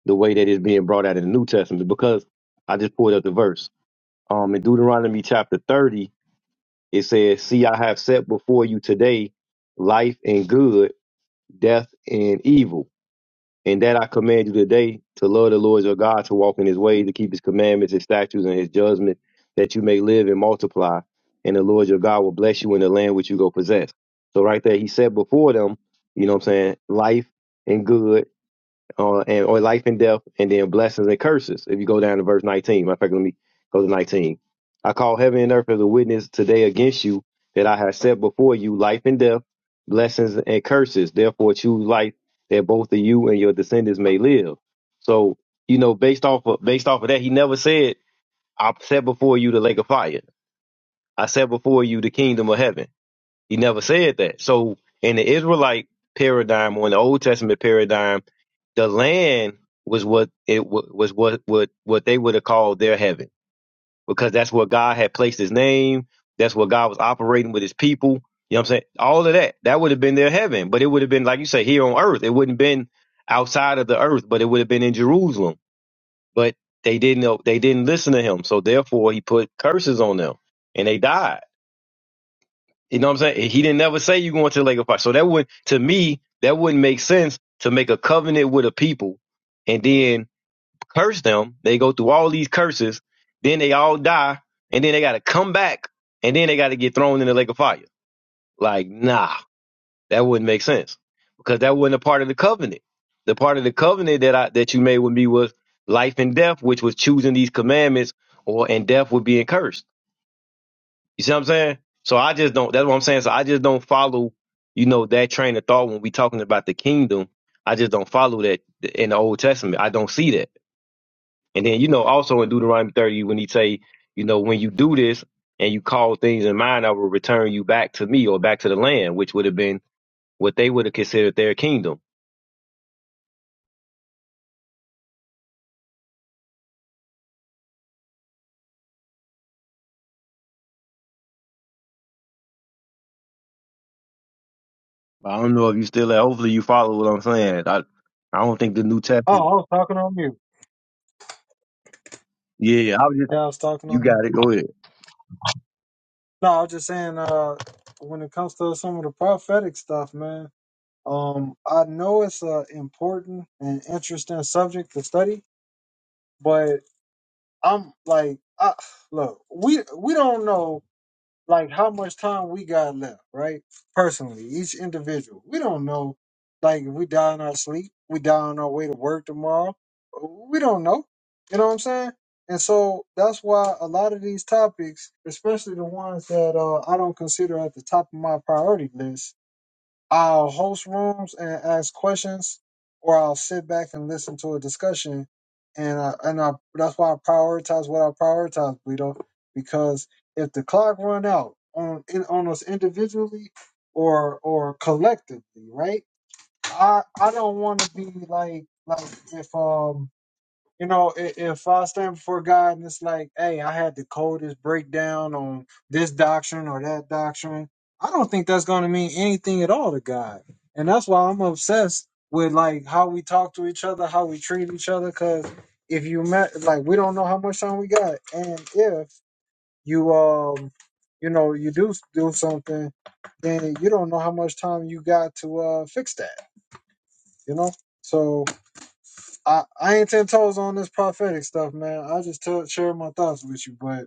[SPEAKER 4] the way that it's being brought out in the New Testament because I just pulled up the verse. Um, in Deuteronomy chapter 30, it says, "See, I have set before you today life and good." death, and evil. And that I command you today to love the Lord your God, to walk in his ways, to keep his commandments, his statutes, and his judgments, that you may live and multiply. And the Lord your God will bless you in the land which you go possess. So right there, he said before them, you know what I'm saying, life and good uh, and or life and death, and then blessings and curses. If you go down to verse 19, matter of fact, let me go to 19. I call heaven and earth as a witness today against you that I have set before you life and death, blessings and curses. Therefore, choose life that both of you and your descendants may live. So, you know, based off of based off of that, he never said, "I set before you the lake of fire. I set before you the kingdom of heaven." He never said that. So in the Israelite paradigm or in the Old Testament paradigm, the land was what it wa was what what what they would have called their heaven because that's where God had placed His name. That's where God was operating with His people. You know what I'm saying? All of that that would have been their heaven, but it would have been like you say here on earth. It wouldn't been outside of the earth, but it would have been in Jerusalem. But they didn't know. They didn't listen to Him, so therefore He put curses on them, and they died. You know what I'm saying? He didn't never say you going to the lake of fire. So that would to me, that wouldn't make sense to make a covenant with a people and then curse them. They go through all these curses, then they all die, and then they gotta come back, and then they gotta get thrown in the lake of fire. Like, nah, that wouldn't make sense. Because that wasn't a part of the covenant. The part of the covenant that I that you made with me was life and death, which was choosing these commandments, or and death would be cursed. You see what I'm saying? So I just don't. That's what I'm saying. So I just don't follow, you know, that train of thought when we talking about the kingdom. I just don't follow that in the Old Testament. I don't see that. And then you know, also in Deuteronomy 30, when he say, you know, when you do this and you call things in mind, I will return you back to me or back to the land, which would have been what they would have considered their kingdom. I don't know if you still. there. Hopefully, you follow what I'm saying. I I don't think the New
[SPEAKER 2] Oh,
[SPEAKER 4] Testament.
[SPEAKER 2] I was talking on you.
[SPEAKER 4] Yeah, I was just.
[SPEAKER 2] Yeah, I was talking
[SPEAKER 4] You
[SPEAKER 2] on
[SPEAKER 4] got it.
[SPEAKER 2] you.
[SPEAKER 4] Go ahead.
[SPEAKER 2] No, I was just saying, uh, when it comes to some of the prophetic stuff, man, Um, I know it's a important and interesting subject to study, but I'm like, I, look, we we don't know like how much time we got left, right? Personally, each individual, we don't know. Like, if we die in our sleep, we die on our way to work tomorrow. We don't know. You know what I'm saying? And so that's why a lot of these topics, especially the ones that uh, I don't consider at the top of my priority list, I'll host rooms and ask questions, or I'll sit back and listen to a discussion. And I, and I, that's why I prioritize what I prioritize, Bleedo, because if the clock run out on in, on us individually or or collectively, right? I I don't want to be like like if um you know, i- if I stand before God and it's like, hey, I had the coldest breakdown on this doctrine or that doctrine, I don't think that's going to mean anything at all to God. And that's why I'm obsessed with like how we talk to each other, how we treat each other, because if you met, like, we don't know how much time we got, and if you um, you know, you do do something, then you don't know how much time you got to uh fix that, you know. So I, I ain't ten toes on this prophetic stuff, man. I just tell, share my thoughts with you, but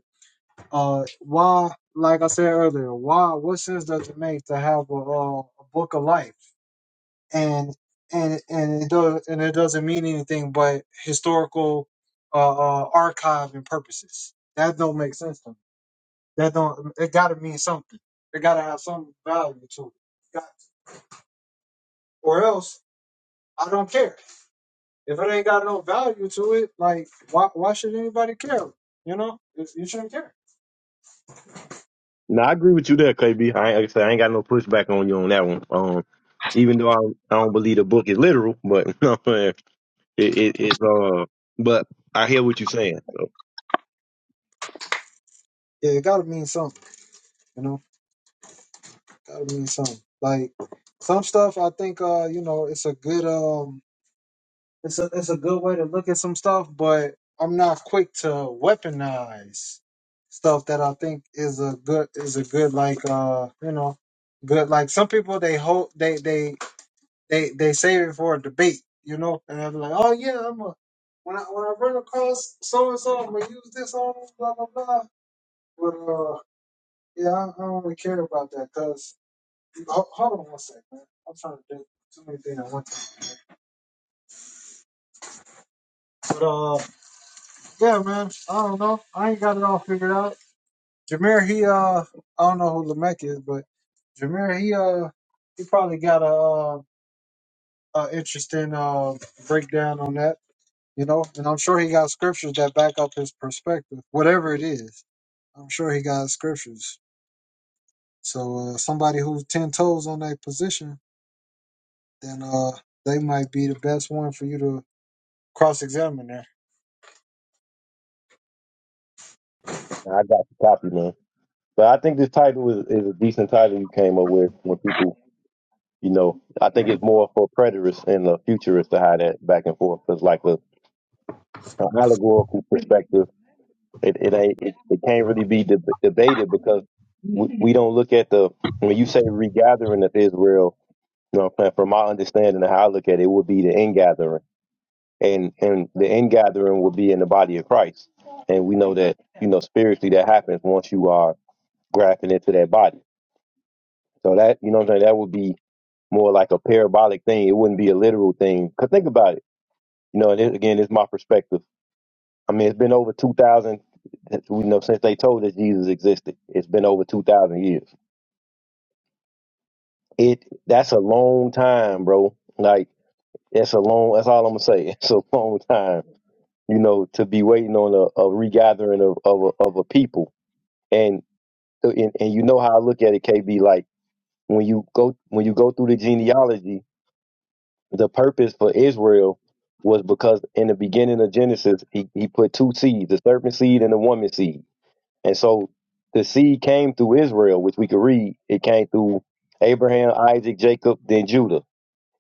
[SPEAKER 2] uh, why? Like I said earlier, why? What sense does it make to have a, uh, a book of life, and and and it does and it doesn't mean anything but historical uh, uh archive and purposes. That don't make sense to me. That don't. It got to mean something. It got to have some value to it, Got- or else I don't care. If it ain't got no value to it, like why why should anybody care? You know, It- you shouldn't care.
[SPEAKER 4] No, I agree with you there, KB. I ain't, like I said, I ain't got no pushback on you on that one. Um, even though I, I don't believe the book is literal, but no, man, it, it, it's uh, but I hear what you're saying. So
[SPEAKER 2] Yeah, it gotta mean something. You know, gotta mean something. Like some stuff, I think, uh, you know, it's a good um, it's a it's a good way to look at some stuff, but I'm not quick to weaponize stuff that I think is a good is a good like uh, you know, good like some people they hold they they they they save it for a debate, you know. And they're like, oh yeah, I'm a when I when I run across so and so, I'm gonna use this on them, blah blah blah. But uh, yeah, I, I don't really care about that because hold, hold on one second, man. I'm trying to do too many things at one time. But uh, yeah, man, I don't know. I ain't got it all figured out. Jameer, he uh, I don't know who Lamech is, but Jameer, he uh, he probably got a uh, a interesting uh breakdown on that. you know, and I'm sure he got scriptures that back up his perspective, whatever it is. I'm sure he got scriptures. So uh, somebody who's ten toes on that position, then uh, they might be the best one for you to cross-examine there.
[SPEAKER 4] I got the copy, man. But I think this title is, is a decent title you came up with when people, you know, I think it's more for preterists and the futurists to hide that back and forth because, like, a, an allegorical perspective, it, it ain't, it, it can't really be deb debated because we, we don't look at the when you say regathering of Israel. You know what I'm saying? From my understanding of how I look at it, it would be the end gathering. And and the end gathering would be in the body of Christ. And we know that, you know, spiritually that happens once you are grafting into that body. So that, you know what I'm saying, that would be more like a parabolic thing. It wouldn't be a literal thing. Cause think about it. You know, and it, again, it's my perspective. I mean, it's been over 2,000, you know, since they told us Jesus existed. It's been over 2,000 years. It, that's a long time, bro. Like, that's a long, that's all I'm gonna say. It's a long time you know, to be waiting on a, a regathering of of a, of a people. And, and and you know how I look at it, KB. Like when you go when you go through the genealogy, the purpose for Israel was because in the beginning of Genesis, he, he put two seeds, the serpent seed and the woman seed. And so the seed came through Israel, which we could read. It came through Abraham, Isaac, Jacob, then Judah.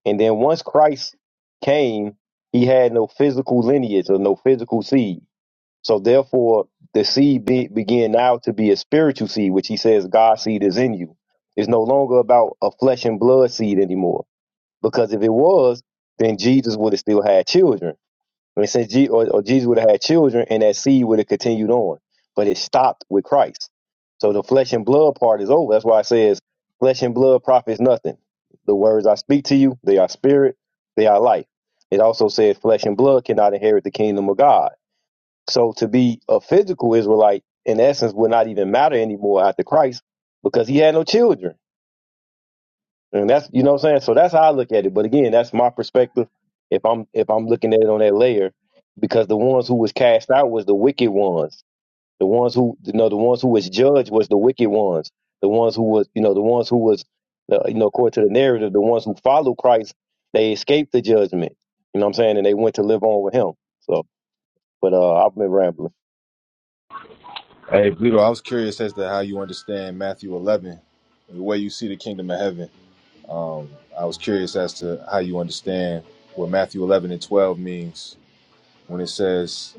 [SPEAKER 4] And then once Christ came, he had no physical lineage or no physical seed so therefore, the seed be, began now to be a spiritual seed, which he says God's seed is in you. It's no longer about a flesh and blood seed anymore, because if it was, then Jesus would have still had children. I mean, since Je- or, or Jesus would have had children, and that seed would have continued on, but it stopped with Christ. So the flesh and blood part is over. That's why it says flesh and blood profits nothing. The words I speak to you, they are spirit, they are life. It also says flesh and blood cannot inherit the kingdom of God. So to be a physical Israelite, in essence, would not even matter anymore after Christ because he had no children. And that's you know what I'm saying? So that's how I look at it. But again, that's my perspective if I'm if I'm looking at it on that layer, because the ones who was cast out was the wicked ones. The ones who you know, the ones who was judged was the wicked ones. The ones who was you know, the ones who was uh, you know, according to the narrative, the ones who followed Christ, they escaped the judgment. You know what I'm saying? And they went to live on with him. So but uh I've been rambling.
[SPEAKER 5] Hey, Pluto, I was curious as to how you understand Matthew 11, the way you see the kingdom of heaven. Um, I was curious as to how you understand what Matthew 11 and 12 means when it says,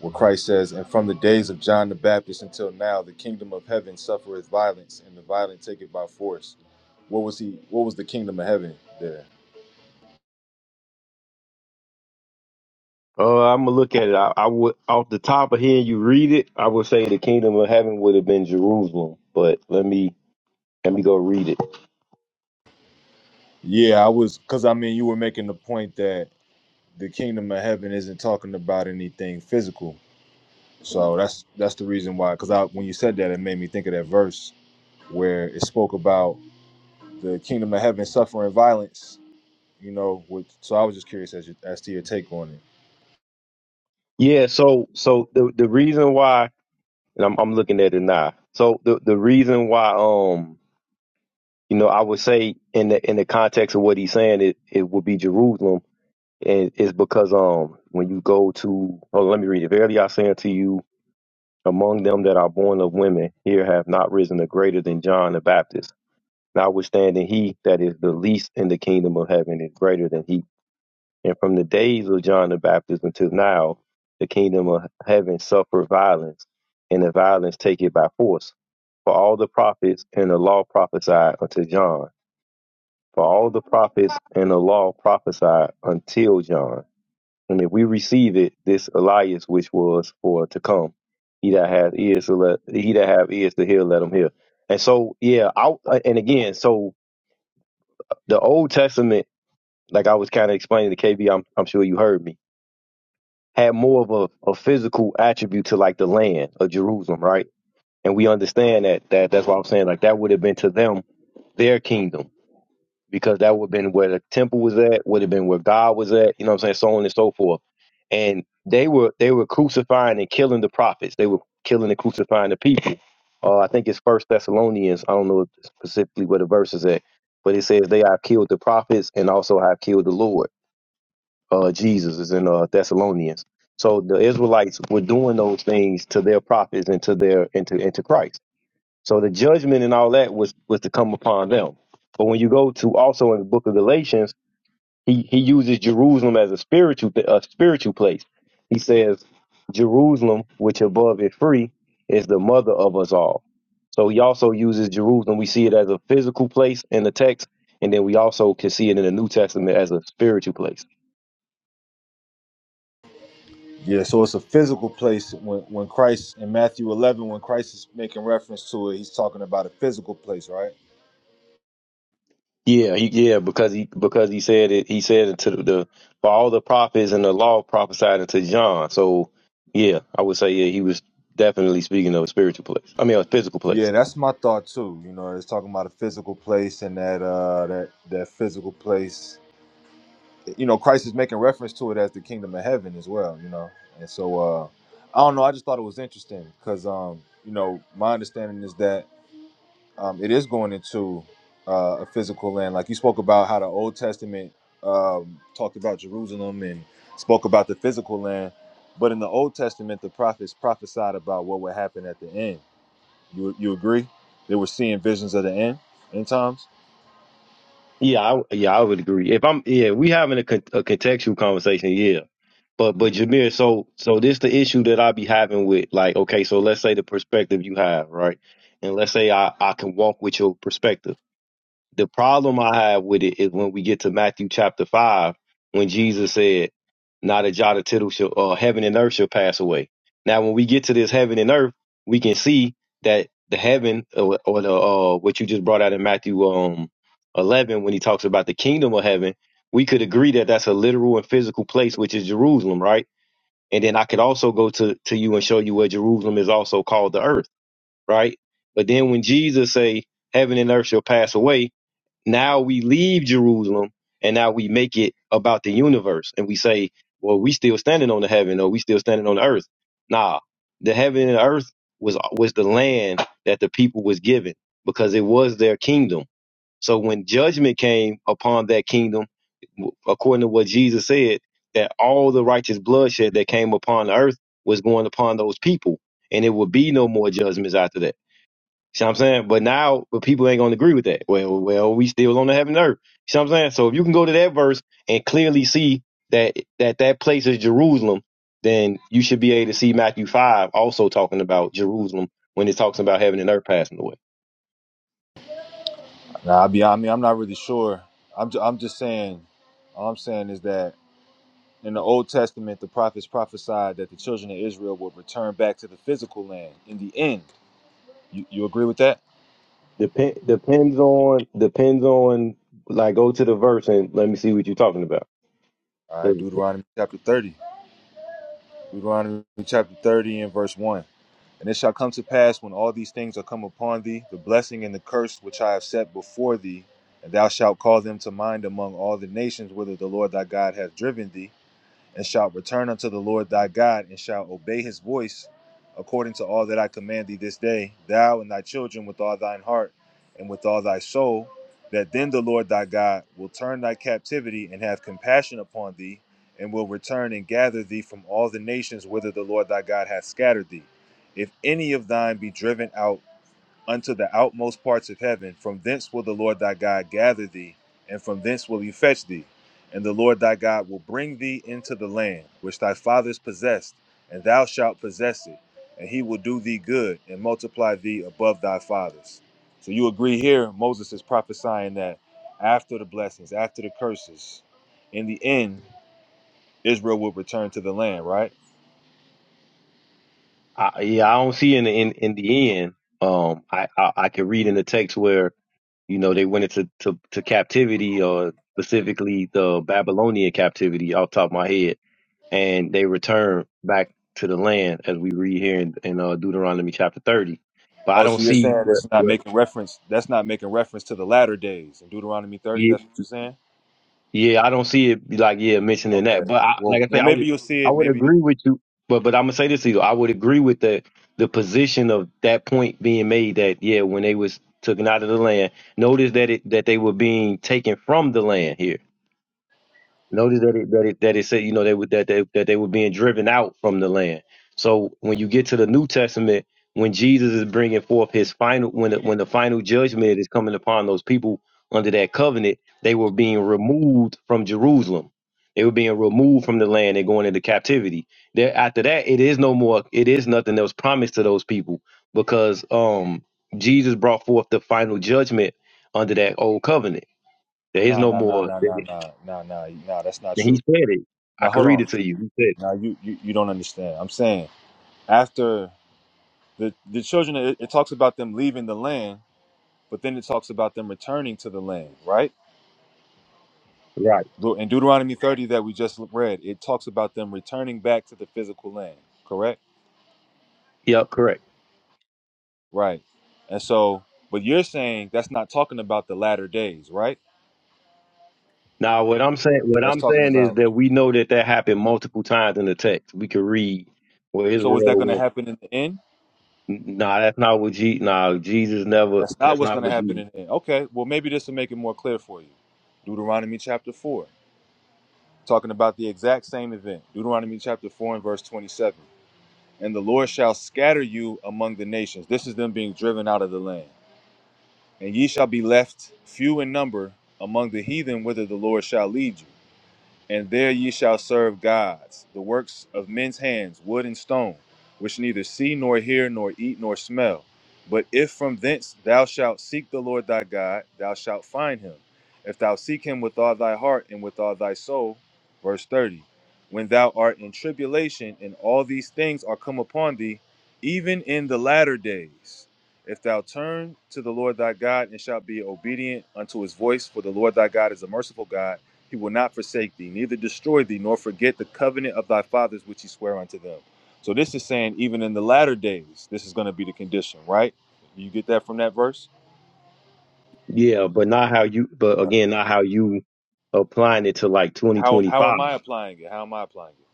[SPEAKER 5] what Christ says, and from the days of John the Baptist until now, the kingdom of heaven suffereth violence, and the violent take it by force. What was he? What was the kingdom of heaven there?
[SPEAKER 4] Uh, I'm gonna look at it. I, I would, off the top of here, you read it. I would say the kingdom of heaven would have been Jerusalem, but let me let me go read it.
[SPEAKER 5] Yeah, I was, because I mean, you were making the point that the kingdom of heaven isn't talking about anything physical So that's that's the reason why. Because I, when you said that, it made me think of that verse where it spoke about the kingdom of heaven suffering violence. You know, with, so I was just curious as, you, as to your take on it.
[SPEAKER 4] Yeah. So, so the the reason why, and I'm I'm looking at it now. So the the reason why, um, you know, I would say in the in the context of what he's saying, it it would be Jerusalem, and is because um, when you go to, oh, let me read it. Verily I say unto you, among them that are born of women, here have not risen a greater than John the Baptist. Notwithstanding, he that is the least in the kingdom of heaven is greater than he. And from the days of John the Baptist until now, the kingdom of heaven suffered violence, and the violence take it by force. For all the prophets and the law prophesied unto John. For all the prophets and the law prophesied until John. And if we receive it, this Elias which was for to come, he that has ears to let, he that have ears to hear, let him hear. And so, yeah, I, and again, so the Old Testament, like I was kind of explaining to KB, I'm, I'm sure you heard me, had more of a, a physical attribute to like the land of Jerusalem, right? And we understand that, that that's why I'm saying like that would have been to them their kingdom because that would have been where the temple was at, would have been where God was at, you know what I'm saying, so on and so forth. And they were they were crucifying and killing the prophets. They were killing and crucifying the people. Uh, I think it's First Thessalonians. I don't know specifically where the verse is at, but it says they have killed the prophets and also have killed the Lord. uh, Jesus is in uh, Thessalonians. So the Israelites were doing those things to their prophets and to their into into Christ. So the judgment and all that was was to come upon them. But when you go to also in the book of Galatians, he he uses Jerusalem as a spiritual a spiritual place. He says Jerusalem, which above is free, is the mother of us all. So he also uses Jerusalem. We see it as a physical place in the text, and then we also can see it in the New Testament as a spiritual place.
[SPEAKER 5] Yeah, so it's a physical place. When when Christ in Matthew 11, when Christ is making reference to it, he's talking about a physical place, right?
[SPEAKER 4] Yeah, he, yeah, because he because he said it. He said it to the, the for all the prophets and the law prophesied unto John. So yeah, I would say yeah, he was definitely speaking of a spiritual place. I mean, a physical place.
[SPEAKER 5] Yeah, that's my thought too. You know, it's talking about a physical place and that uh that that physical place you know, Christ is making reference to it as the kingdom of heaven as well, you know. And so uh I don't know, I just thought it was interesting because um, you know, my understanding is that um it is going into uh, a physical land. Like you spoke about how the Old Testament um talked about Jerusalem and spoke about the physical land, but in the Old Testament the prophets prophesied about what would happen at the end. You you agree? They were seeing visions of the end end times?
[SPEAKER 4] Yeah, I, yeah, I would agree. If I'm yeah, we having a, con- a contextual conversation. Yeah, but but Jameer, so so this the issue that I be having with like okay, so let's say the perspective you have, right? And let's say I I can walk with your perspective. the problem I have with it is when we get to Matthew chapter five, when Jesus said, "Not a jot or tittle shall, uh, heaven and earth shall pass away." Now, when we get to this heaven and earth, we can see that the heaven or, or the uh, what you just brought out in Matthew um eleven, when he talks about the kingdom of heaven, we could agree that that's a literal and physical place, which is Jerusalem, right? And then I could also go to to you and show you where Jerusalem is also called the earth, right? But then when Jesus say heaven and earth shall pass away, now we leave Jerusalem and now we make it about the universe and we say, well, we still standing on the heaven or we still standing on the earth. Nah, the heaven and the earth was was the land that the people was given because it was their kingdom. So when judgment came upon that kingdom, according to what Jesus said, that all the righteous bloodshed that came upon the earth was going upon those people, and it would be no more judgments after that. See what I'm saying? But now, but people ain't gonna agree with that. Well, well, we still on the heaven and earth. See what I'm saying? So if you can go to that verse and clearly see that that that place is Jerusalem, then you should be able to see Matthew five also talking about Jerusalem when it talks about heaven and earth passing away.
[SPEAKER 5] Nah, I be. I mean, I'm not really sure. I'm. Ju- I'm just saying. All I'm saying is that in the Old Testament, the prophets prophesied that the children of Israel would return back to the physical land in the end. You, you agree with that?
[SPEAKER 4] Depend depends on depends on like go to the verse and let me see what you're talking about.
[SPEAKER 5] All right. Deuteronomy chapter 30. Deuteronomy chapter 30 and verse one. And it shall come to pass when all these things are come upon thee, the blessing and the curse which I have set before thee, and thou shalt call them to mind among all the nations whither the Lord thy God hath driven thee and shalt return unto the Lord thy God, and shalt obey his voice, according to all that I command thee this day, thou and thy children with all thine heart and with all thy soul, that then the Lord thy God will turn thy captivity and have compassion upon thee, and will return and gather thee from all the nations whither the Lord thy God hath scattered thee. If any of thine be driven out, unto the outmost parts of heaven. From thence will the Lord thy God gather thee, and from thence will he fetch thee. And the Lord thy God will bring thee into the land which thy fathers possessed, and thou shalt possess it. And he will do thee good and multiply thee above thy fathers. So you agree here, Moses is prophesying that after the blessings, after the curses, in the end, Israel will return to the land, right?
[SPEAKER 4] I, yeah, I don't see in the, in in the end. Um, I, I I can read in the text where you know they went into to, to captivity or specifically the Babylonian captivity off the top of my head, and they returned back to the land as we read here in, in uh, Deuteronomy chapter thirty. But I
[SPEAKER 5] Oh,
[SPEAKER 4] don't
[SPEAKER 5] so you're
[SPEAKER 4] see
[SPEAKER 5] saying
[SPEAKER 4] where
[SPEAKER 5] it's not
[SPEAKER 4] where.
[SPEAKER 5] making reference, that's not making reference to the latter days in Deuteronomy 30, that's what you're saying?
[SPEAKER 4] Yeah, I don't see it like yeah mentioning
[SPEAKER 5] Okay.
[SPEAKER 4] that, but I,
[SPEAKER 5] Well,
[SPEAKER 4] like I say,
[SPEAKER 5] well,
[SPEAKER 4] I
[SPEAKER 5] maybe
[SPEAKER 4] would
[SPEAKER 5] you'll see
[SPEAKER 4] I
[SPEAKER 5] it.
[SPEAKER 4] would
[SPEAKER 5] Maybe you.
[SPEAKER 4] agree with you, but but I'm gonna say this to you, I would agree with the the position of that point being made that yeah when they was taken out of the land, notice that it that they were being taken from the land here. Notice that it that it that it said, you know, they would that they that they were being driven out from the land. So when you get to the New Testament, when Jesus is bringing forth his final, when the, when the final judgment is coming upon those people under that covenant, they were being removed from Jerusalem. They were being removed from the land and going into captivity. There after that, it is no more. It is nothing that was promised to those people because um Jesus brought forth the final judgment under that old covenant. There is
[SPEAKER 5] Nah,
[SPEAKER 4] no
[SPEAKER 5] nah, nah,
[SPEAKER 4] more.
[SPEAKER 5] nah, nah, nah, nah, nah, nah. That's not
[SPEAKER 4] And he
[SPEAKER 5] true.
[SPEAKER 4] said it. I
[SPEAKER 5] Now
[SPEAKER 4] can
[SPEAKER 5] hold
[SPEAKER 4] read
[SPEAKER 5] on.
[SPEAKER 4] it to you. He said
[SPEAKER 5] Now you, you, you don't understand. I'm saying after the the children, it, it talks about them leaving the land, but then it talks about them returning to the land, right?
[SPEAKER 4] it. Right.
[SPEAKER 5] Deut- In Deuteronomy 30 that we just read, it talks about them returning back to the physical land. Correct?
[SPEAKER 4] Yep. Correct.
[SPEAKER 5] Right. And so, but you're saying that's not talking about the latter days, right?
[SPEAKER 4] Now, what I'm saying, what
[SPEAKER 5] That's
[SPEAKER 4] I'm
[SPEAKER 5] talking
[SPEAKER 4] saying is
[SPEAKER 5] about.
[SPEAKER 4] that we know that that happened multiple times in the text. We could read where
[SPEAKER 5] So is that
[SPEAKER 4] Israel
[SPEAKER 5] going to
[SPEAKER 4] went.
[SPEAKER 5] happen in the end?
[SPEAKER 4] Nah, that's not what Jesus. Nah, Jesus never.
[SPEAKER 5] That's not
[SPEAKER 4] That's
[SPEAKER 5] what's
[SPEAKER 4] not
[SPEAKER 5] going to
[SPEAKER 4] what
[SPEAKER 5] happen
[SPEAKER 4] you.
[SPEAKER 5] in the end. Okay, well, maybe this will make it more clear for you. Deuteronomy chapter 4, talking about the exact same event. Deuteronomy chapter 4 and verse 27. And the Lord shall scatter you among the nations. This is them being driven out of the land. And ye shall be left few in number among the heathen whither the Lord shall lead you. And there ye shall serve gods, the works of men's hands, wood and stone, which neither see nor hear nor eat nor smell. But if from thence thou shalt seek the Lord thy God, thou shalt find him. If thou seek him with all thy heart and with all thy soul. Verse 30. When thou art in tribulation and all these things are come upon thee, even in the latter days, if thou turn to the Lord thy God and shalt be obedient unto his voice, for the Lord thy God is a merciful God he will not forsake thee, neither destroy thee, nor forget the covenant of thy fathers which he sware unto them. So this is saying, even in the latter days, this is going to be the condition, right? You get that from that verse?
[SPEAKER 4] Yeah, but not how you. But
[SPEAKER 5] Right.
[SPEAKER 4] again, not how you applying it to like
[SPEAKER 5] How
[SPEAKER 4] 2025.
[SPEAKER 5] how am I applying it? How am I applying it?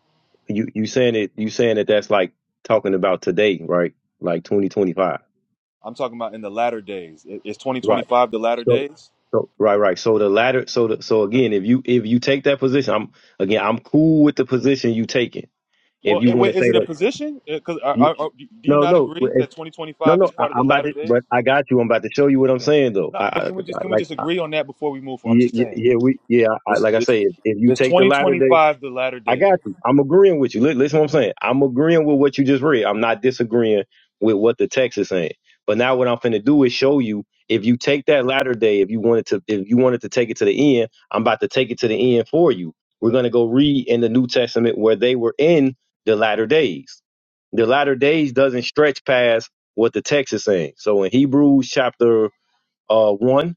[SPEAKER 4] You you saying it. You saying that that's like talking about today, right? Like 2025.
[SPEAKER 5] I'm talking about in the latter days. Is
[SPEAKER 4] Right.
[SPEAKER 5] 2025 the latter
[SPEAKER 4] So,
[SPEAKER 5] days?
[SPEAKER 4] so right, right. So the latter. So the, so again, if you if you take that position, I'm again, I'm cool with the position you taking. If
[SPEAKER 5] Well,
[SPEAKER 4] you
[SPEAKER 5] it,
[SPEAKER 4] want
[SPEAKER 5] wait,
[SPEAKER 4] to say
[SPEAKER 5] is it a
[SPEAKER 4] that,
[SPEAKER 5] position? Because
[SPEAKER 4] you,
[SPEAKER 5] do you
[SPEAKER 4] no,
[SPEAKER 5] not
[SPEAKER 4] no,
[SPEAKER 5] agree
[SPEAKER 4] if-
[SPEAKER 5] that
[SPEAKER 4] no,
[SPEAKER 5] 2025 is
[SPEAKER 4] no. I,
[SPEAKER 5] part of
[SPEAKER 4] I'm
[SPEAKER 5] the
[SPEAKER 4] about
[SPEAKER 5] latter
[SPEAKER 4] to,
[SPEAKER 5] days?
[SPEAKER 4] but I got you. I'm about to show you what I'm saying though.
[SPEAKER 5] No,
[SPEAKER 4] I, I,
[SPEAKER 5] but can we
[SPEAKER 4] I
[SPEAKER 5] just can we
[SPEAKER 4] like,
[SPEAKER 5] just
[SPEAKER 4] I,
[SPEAKER 5] agree on that before we move? forward? I'm
[SPEAKER 4] yeah,
[SPEAKER 5] just
[SPEAKER 4] yeah,
[SPEAKER 5] saying,
[SPEAKER 4] yeah, we, yeah. I,
[SPEAKER 5] is
[SPEAKER 4] like I
[SPEAKER 5] it's,
[SPEAKER 4] say, if, if you
[SPEAKER 5] it's
[SPEAKER 4] take the latter day.
[SPEAKER 5] 2025 the latter
[SPEAKER 4] I
[SPEAKER 5] days.
[SPEAKER 4] got you. I'm agreeing with you. Li- Listen, what I'm saying. I'm agreeing with what you just read. I'm not disagreeing with what the text is saying. But now what I'm finna do is show you if you take that latter day, if you wanted to, if you wanted to take it to the end, I'm about to take it to the end for you. We're gonna go read in the New Testament where they were in the latter days. The latter days doesn't stretch past what the text is saying. So in Hebrews chapter uh one,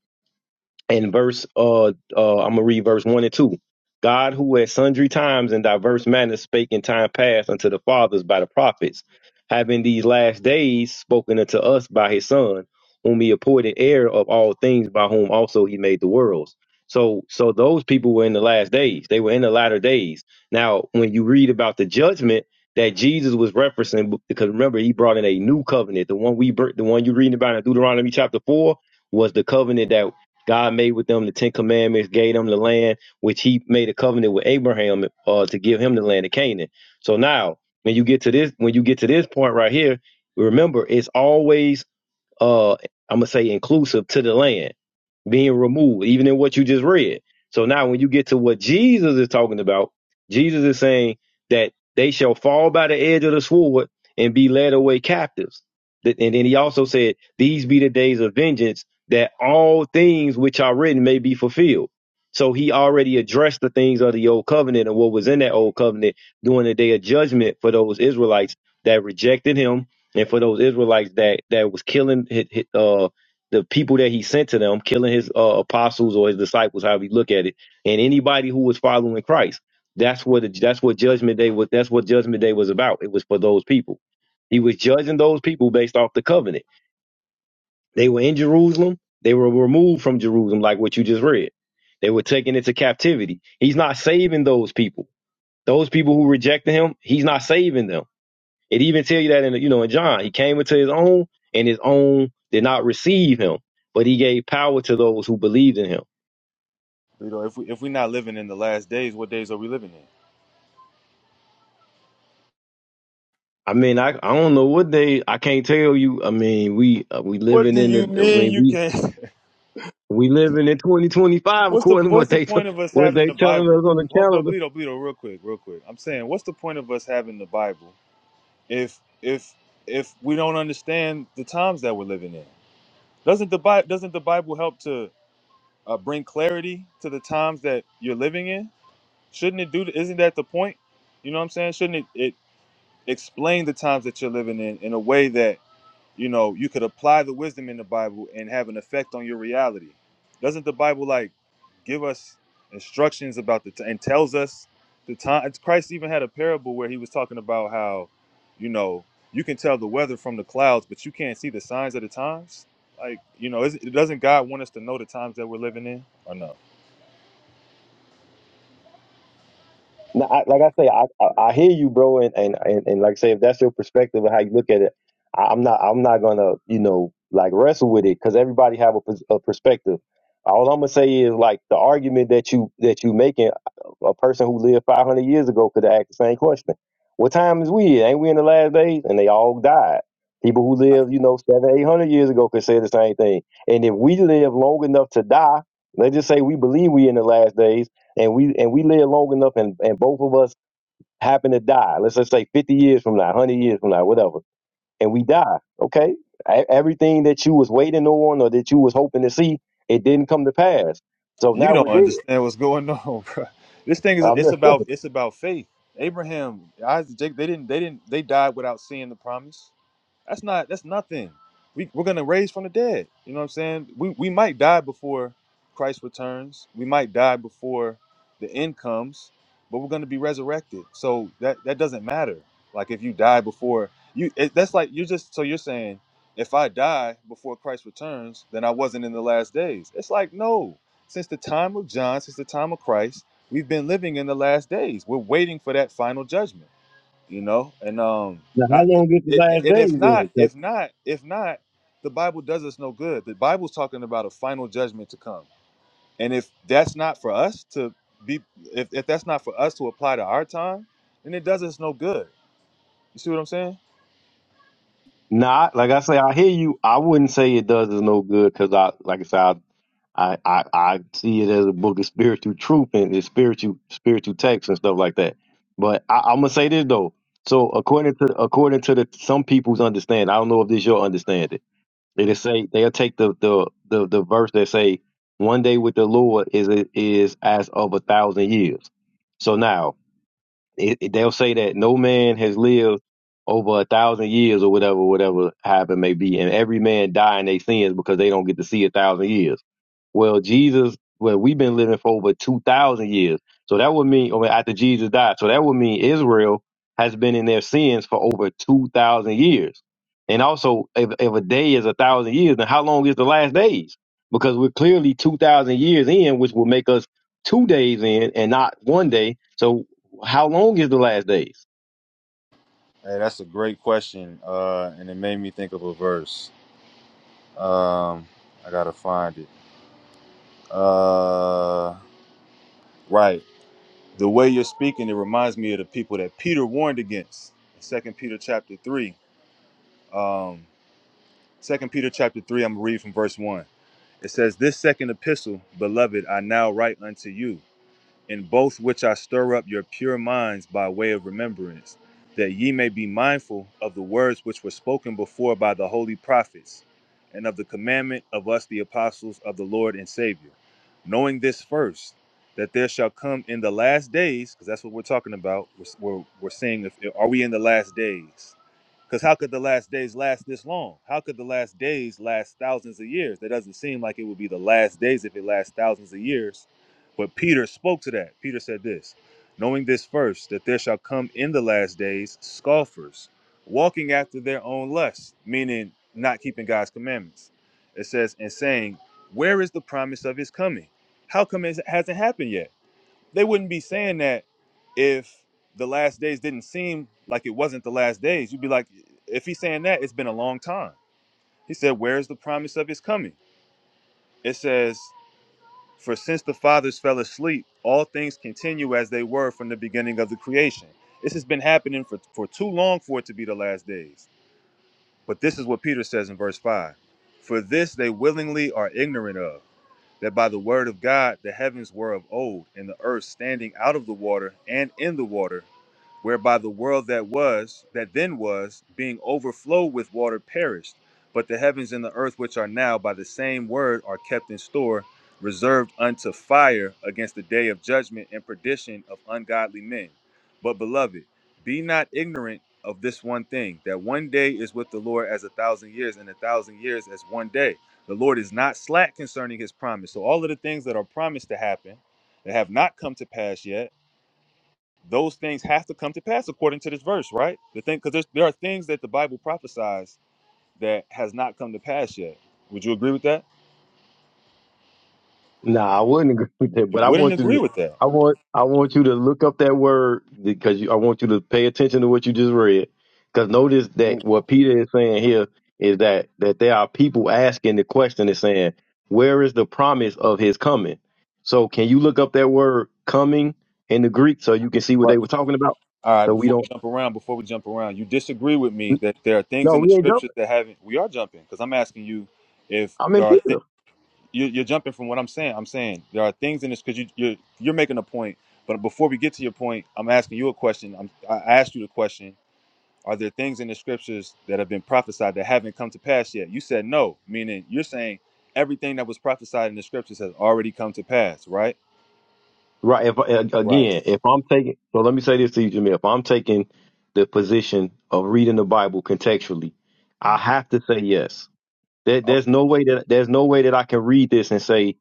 [SPEAKER 4] in verse uh, uh I'm gonna read verse one and two. God who at sundry times and diverse manners spake in time past unto the fathers by the prophets, having these last days spoken unto us by his son, whom he appointed heir of all things by whom also he made the worlds. So so those people were in the last days. They were in the latter days. Now when you read about the judgment that Jesus was referencing, because remember he brought in a new covenant, the one we br- the one you're reading about in Deuteronomy chapter four, was the covenant that God made with them the Ten Commandments, gave them the land, which he made a covenant with Abraham uh, to give him the land of Canaan. So now, when you get to this, when you get to this point right here, remember it's always uh I'm gonna say inclusive to the land, being removed, even in what you just read. So now when you get to what Jesus is talking about, Jesus is saying that they shall fall by the edge of the sword and be led away captives. That- And then he also said, These be the days of vengeance, that all things which are written may be fulfilled. So he already addressed the things of the old covenant and what was in that old covenant during the day of judgment for those Israelites that rejected him and for those Israelites that that was killing his, his, uh the people that he sent to them, killing his uh, apostles or his disciples, however you look at it, and anybody who was following Christ, that's what the, that's what judgment day was. That's what judgment day was about. It was for those people. He was judging those people based off the covenant. They were in Jerusalem. They were removed from Jerusalem, like what you just read. They were taken into captivity. He's not saving those people. Those people who rejected him, he's not saving them it even tell you that in you know in John, he came into his own, and his own did not receive him, but he gave power to those who believed in him.
[SPEAKER 5] You know, if we if we're not living in the last days, what days are we living in?
[SPEAKER 4] I mean, I I don't know what they I can't tell you. I mean, we uh, we
[SPEAKER 5] What
[SPEAKER 4] living
[SPEAKER 5] do
[SPEAKER 4] in
[SPEAKER 5] you
[SPEAKER 4] the uh,
[SPEAKER 5] mean
[SPEAKER 4] when
[SPEAKER 5] you
[SPEAKER 4] we
[SPEAKER 5] can't?
[SPEAKER 4] we living in 2025
[SPEAKER 5] What's the
[SPEAKER 4] according to what
[SPEAKER 5] what's the
[SPEAKER 4] they t-
[SPEAKER 5] point of us
[SPEAKER 4] what
[SPEAKER 5] having
[SPEAKER 4] they
[SPEAKER 5] the
[SPEAKER 4] telling us
[SPEAKER 5] Bible?
[SPEAKER 4] on the
[SPEAKER 5] Oh, but
[SPEAKER 4] calendar.
[SPEAKER 5] Bleedo, Bleedo, real quick, real quick. I'm saying, what's the point of us having the Bible if if if we don't understand the times that we're living in? Doesn't the Bible doesn't the Bible help to uh, bring clarity to the times that you're living in? Shouldn't it do? Isn't that the point? You know what I'm saying? Shouldn't it, it explain the times that you're living in in a way that you know you could apply the wisdom in the bible and have an effect on your reality doesn't the bible like give us instructions about the t- and tells us the time christ even had a parable where he was talking about how you know you can tell the weather from the clouds but you can't see the signs of the times like you know is, doesn't god want us to know the times that we're living in or no
[SPEAKER 4] No, I, like I say, I, I I hear you, bro, and, and and and like I say, if that's your perspective of how you look at it, I, I'm not I'm not gonna you know like wrestle with it because everybody have a, pers- a perspective. All I'm gonna say is like the argument that you that you making, a person who lived 500 years ago could ask the same question. What time is we? in? Ain't we in the last days? And they all died. People who lived you know seven eight hundred years ago could say the same thing. And if we live long enough to die, let's just say we believe we in the last days and we and we live long enough and, and both of us happen to die let's just say 50 years from now 100 years from now whatever and we die okay E- everything that you was waiting on or that you was hoping to see it didn't come to pass so
[SPEAKER 5] you
[SPEAKER 4] now
[SPEAKER 5] don't
[SPEAKER 4] we're dead
[SPEAKER 5] understand what's going on bro this thing is
[SPEAKER 4] I'm
[SPEAKER 5] it's
[SPEAKER 4] just,
[SPEAKER 5] about it's about faith abraham isaac Jacob, they didn't they didn't they died without seeing the promise That's not that's nothing. We we're gonna raise from the dead. You know what I'm saying? We we might die before Christ returns. We might die before the end comes, but we're gonna be resurrected. So that that doesn't matter. Like if you die before you, it, that's like you're just so you're saying if I die before Christ returns, then I wasn't in the last days. It's like no. Since the time of John, since the time of Christ, we've been living in the last days. We're waiting for that final judgment you know and um
[SPEAKER 4] now
[SPEAKER 5] I,
[SPEAKER 4] how long is the
[SPEAKER 5] it,
[SPEAKER 4] last
[SPEAKER 5] and
[SPEAKER 4] day
[SPEAKER 5] if not
[SPEAKER 4] then 'Cause-
[SPEAKER 5] if not if not the bible does us no good the bible's talking about a final judgment to come and if that's not for us to be if, if that's not for us to apply to our time then it does us no good you see what i'm saying
[SPEAKER 4] nah like i say i hear you i wouldn't say it does us no good because i like i said I, I, I I see it as a book of spiritual truth and it's spiritual spiritual texts and stuff like that. But I, I'm gonna say this though. So according to according to the some people's understanding, I don't know if this your understanding. They just say they'll take the the the, the verse that say one day with the Lord is is as of a thousand years. So now it, it- they'll say that no man has lived over a thousand years or whatever, whatever happened may be, and every man die in their sins because they don't get to see a thousand years. Well, Jesus, well, we've been living for over two thousand years, so that would mean, or after Jesus died, so that would mean Israel has been in their sins for over two thousand years. And also, if, if a day is a thousand years, then how long is the last days? Because we're clearly two thousand years in, which will make us two days in and not one day. So how long is the last days?
[SPEAKER 5] hey that's a great question uh and it made me think of a verse um i gotta find it uh right the way you're speaking it reminds me of the people that peter warned against second peter chapter 3 um, 2 Peter chapter 3, I'm going to read from verse 1. It says, This second epistle, beloved, I now write unto you, in both which I stir up your pure minds by way of remembrance, that ye may be mindful of the words which were spoken before by the holy prophets, and of the commandment of us, the apostles of the Lord and Savior. Knowing this first, that there shall come in the last days, because that's what we're talking about. We're, we're, we're saying, if, are we in the last days? Because how could the last days last this long? How could the last days last thousands of years? That doesn't seem like it would be the last days if it lasts thousands of years. But Peter spoke to that. Peter said this Knowing this first, that there shall come in the last days scoffers, walking after their own lusts, meaning not keeping God's commandments. It says, and saying, Where is the promise of his coming? How come it hasn't happened yet? They wouldn't be saying that if the last days didn't seem like it wasn't the last days. You'd be like, if he's saying that, it's been a long time. He said, Where's the promise of his coming? It says, For since the fathers fell asleep, all things continue as they were from the beginning of the creation. This has been happening for, for too long for it to be the last days. But this is what Peter says in verse 5 For this they willingly are ignorant of, that by the word of God the heavens were of old, and the earth standing out of the water and in the water whereby the world that was, that then was, being overflowed with water perished. But the heavens and the earth, which are now by the same word, are kept in store, reserved unto fire against the day of judgment and perdition of ungodly men. But beloved, be not ignorant of this one thing, that one day is with the Lord as a thousand years, and a thousand years as one day. The Lord is not slack concerning his promise. So all of the things that are promised to happen that have not come to pass yet those things have to come to pass according to this verse, right? The thing, because there are things that the Bible prophesies that has not come to pass yet. Would you agree with that?
[SPEAKER 4] Nah, I wouldn't agree with that,
[SPEAKER 5] You
[SPEAKER 4] but I
[SPEAKER 5] wouldn't
[SPEAKER 4] want you
[SPEAKER 5] agree
[SPEAKER 4] to,
[SPEAKER 5] with that.
[SPEAKER 4] I want, I want you to look up that word because you, I want you to pay attention to what you just read. Because notice
[SPEAKER 5] W-
[SPEAKER 4] that what Peter is saying here is that that there are people asking the question and saying, "Where is the promise of His coming?" So, can you look up that word "coming" in the Greek so you can see what they
[SPEAKER 5] Right.
[SPEAKER 4] were talking about?
[SPEAKER 5] All right.
[SPEAKER 4] So we
[SPEAKER 5] Before we
[SPEAKER 4] don't.
[SPEAKER 5] jump around, before we jump around, you disagree with me that there are things
[SPEAKER 4] No,
[SPEAKER 5] in the
[SPEAKER 4] we ain't
[SPEAKER 5] scriptures
[SPEAKER 4] jumping.
[SPEAKER 5] that haven't. We are jumping because I'm asking you if
[SPEAKER 4] I'm
[SPEAKER 5] there
[SPEAKER 4] in
[SPEAKER 5] are.
[SPEAKER 4] Peter.
[SPEAKER 5] Th- you, you're jumping from what I'm saying. I'm saying there are things in this because you, you're you're making a point. But before we get to your point, I'm asking you a question. I'm, I I asked you the question Are there things in the scriptures that have been prophesied that haven't come to pass yet? You said no, meaning you're saying everything that was prophesied in the scriptures has already come to pass, right?
[SPEAKER 4] Right. If a-
[SPEAKER 5] Right.
[SPEAKER 4] again, if I'm taking, so let me say this to you, Jamil. If I'm taking the position of reading the Bible contextually, I have to say yes. There,
[SPEAKER 5] Oh,
[SPEAKER 4] there's no way that there's no way that I can read this and say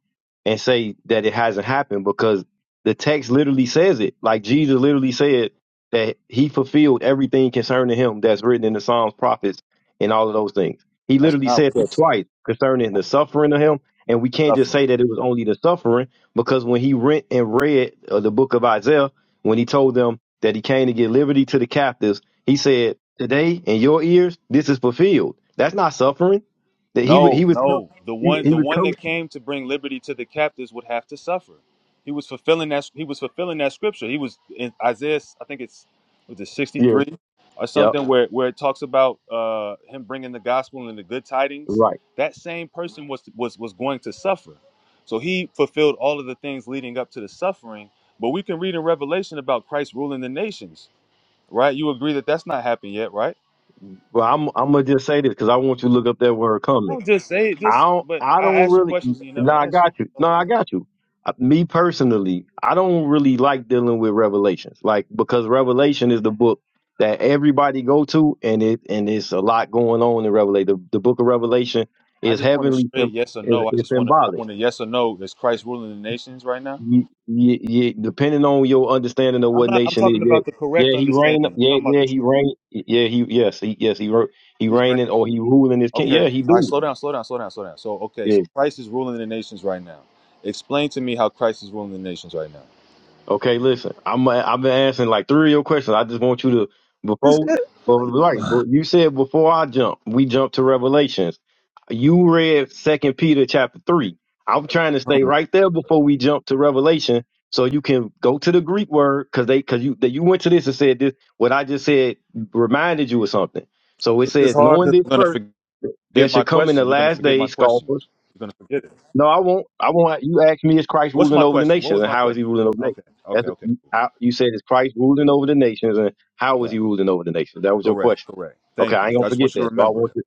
[SPEAKER 4] and say that it hasn't happened because the text literally says it. Like Jesus literally said that he fulfilled everything concerning him that's written in the Psalms, prophets, and all of those things. He
[SPEAKER 5] that's
[SPEAKER 4] literally
[SPEAKER 5] not
[SPEAKER 4] said
[SPEAKER 5] what
[SPEAKER 4] that twice concerning the suffering of him. And we
[SPEAKER 5] you're
[SPEAKER 4] can't just
[SPEAKER 5] suffering.
[SPEAKER 4] say that it was only the suffering because when he went and read uh, the book of Isaiah, when he told them that he came to give liberty to the captives, he said, Today in your ears, this is fulfilled. That's not suffering that he would he
[SPEAKER 5] No,
[SPEAKER 4] was com-
[SPEAKER 5] no. The
[SPEAKER 4] he,
[SPEAKER 5] one
[SPEAKER 4] he
[SPEAKER 5] the
[SPEAKER 4] was
[SPEAKER 5] one
[SPEAKER 4] coming.
[SPEAKER 5] that came to bring liberty to the captives would have to suffer. He was fulfilling that he was fulfilling that scripture. He was in Isaiah, I think it's was it
[SPEAKER 4] Yeah,
[SPEAKER 5] 63 or
[SPEAKER 4] yep,
[SPEAKER 5] something where where it talks about uh him bringing the gospel and the good tidings.
[SPEAKER 4] right.
[SPEAKER 5] That same person was was was going to suffer. So he fulfilled all of the things leading up to the suffering, but we can read in Revelation about Christ ruling the nations, right? You agree that that's not happened yet, right?
[SPEAKER 4] Well, I'm I'm gonna just say this because I want you to look up that word coming.
[SPEAKER 5] Don't just say it,
[SPEAKER 4] I
[SPEAKER 5] just
[SPEAKER 4] don't
[SPEAKER 5] but
[SPEAKER 4] I
[SPEAKER 5] I
[SPEAKER 4] don't
[SPEAKER 5] ask you
[SPEAKER 4] really.
[SPEAKER 5] questions and you never
[SPEAKER 4] No, I
[SPEAKER 5] answer.
[SPEAKER 4] got you. No, I got you. Uh, Me personally, I don't really like dealing with revelations, like because Revelation is the book that everybody go to, and it and it's a lot going on in Revelation. The, the book of Revelation
[SPEAKER 5] I
[SPEAKER 4] is
[SPEAKER 5] just want a
[SPEAKER 4] heavenly,
[SPEAKER 5] straight
[SPEAKER 4] sym-
[SPEAKER 5] yes or
[SPEAKER 4] is,
[SPEAKER 5] no. I
[SPEAKER 4] is
[SPEAKER 5] just want to. I
[SPEAKER 4] symbolic.
[SPEAKER 5] want a yes or no. Is Christ ruling the nations right now?
[SPEAKER 4] Yeah, yeah, yeah, depending on your understanding of
[SPEAKER 5] I'm
[SPEAKER 4] what
[SPEAKER 5] not. I'm
[SPEAKER 4] nation is,
[SPEAKER 5] talking
[SPEAKER 4] yeah,
[SPEAKER 5] about the correct
[SPEAKER 4] yeah, he reign,
[SPEAKER 5] understanding. I'm
[SPEAKER 4] yeah,
[SPEAKER 5] talking about
[SPEAKER 4] yeah,
[SPEAKER 5] the
[SPEAKER 4] he
[SPEAKER 5] truth.
[SPEAKER 4] reign, yeah, he, yes, he, yes, he, ro- he
[SPEAKER 5] He's
[SPEAKER 4] reigning
[SPEAKER 5] reigning.
[SPEAKER 4] or he ruling his king,
[SPEAKER 5] Okay.
[SPEAKER 4] yeah, he
[SPEAKER 5] All right.
[SPEAKER 4] do,
[SPEAKER 5] Slow down. Slow down. Slow down. Slow down. So okay.
[SPEAKER 4] yeah.
[SPEAKER 5] So Christ is ruling the nations right now. Explain to me how Christ is ruling the nations right now.
[SPEAKER 4] Okay, listen. I'm I've been answering like three of your questions. I just want you to
[SPEAKER 5] This-
[SPEAKER 4] before but right, but you said before I jump, we jump to Revelations. You read Second Peter chapter three. I'm trying to stay right there before we jump to Revelation, so you can go to the Greek word because they because you that you went to this and said this. What I just said reminded you of something. So it
[SPEAKER 5] It's just
[SPEAKER 4] says,
[SPEAKER 5] hard
[SPEAKER 4] knowing
[SPEAKER 5] because
[SPEAKER 4] this
[SPEAKER 5] you're gonna
[SPEAKER 4] first,
[SPEAKER 5] forget
[SPEAKER 4] there
[SPEAKER 5] my
[SPEAKER 4] should come in
[SPEAKER 5] question.
[SPEAKER 4] the
[SPEAKER 5] You're gonna
[SPEAKER 4] last
[SPEAKER 5] forget my
[SPEAKER 4] days
[SPEAKER 5] question.
[SPEAKER 4] scoffers
[SPEAKER 5] You're gonna forget it.
[SPEAKER 4] no, I won't. I won't. You asked me, is Christ
[SPEAKER 5] What's
[SPEAKER 4] ruling
[SPEAKER 5] my
[SPEAKER 4] over the
[SPEAKER 5] question? What
[SPEAKER 4] nations,
[SPEAKER 5] was
[SPEAKER 4] and
[SPEAKER 5] my
[SPEAKER 4] how is he
[SPEAKER 5] question?
[SPEAKER 4] ruling over the nations?
[SPEAKER 5] Okay. Okay.
[SPEAKER 4] That's
[SPEAKER 5] Okay. Cool.
[SPEAKER 4] I, you said, is Christ ruling over the nations, and how is
[SPEAKER 5] Right.
[SPEAKER 4] he ruling over the nations? That was your
[SPEAKER 5] Correct.
[SPEAKER 4] question.
[SPEAKER 5] Correct.
[SPEAKER 4] Okay,
[SPEAKER 5] Thank
[SPEAKER 4] I
[SPEAKER 5] you.
[SPEAKER 4] ain't gonna
[SPEAKER 5] I just
[SPEAKER 4] forget
[SPEAKER 5] want you to
[SPEAKER 4] that. So I
[SPEAKER 5] remember it.
[SPEAKER 4] want you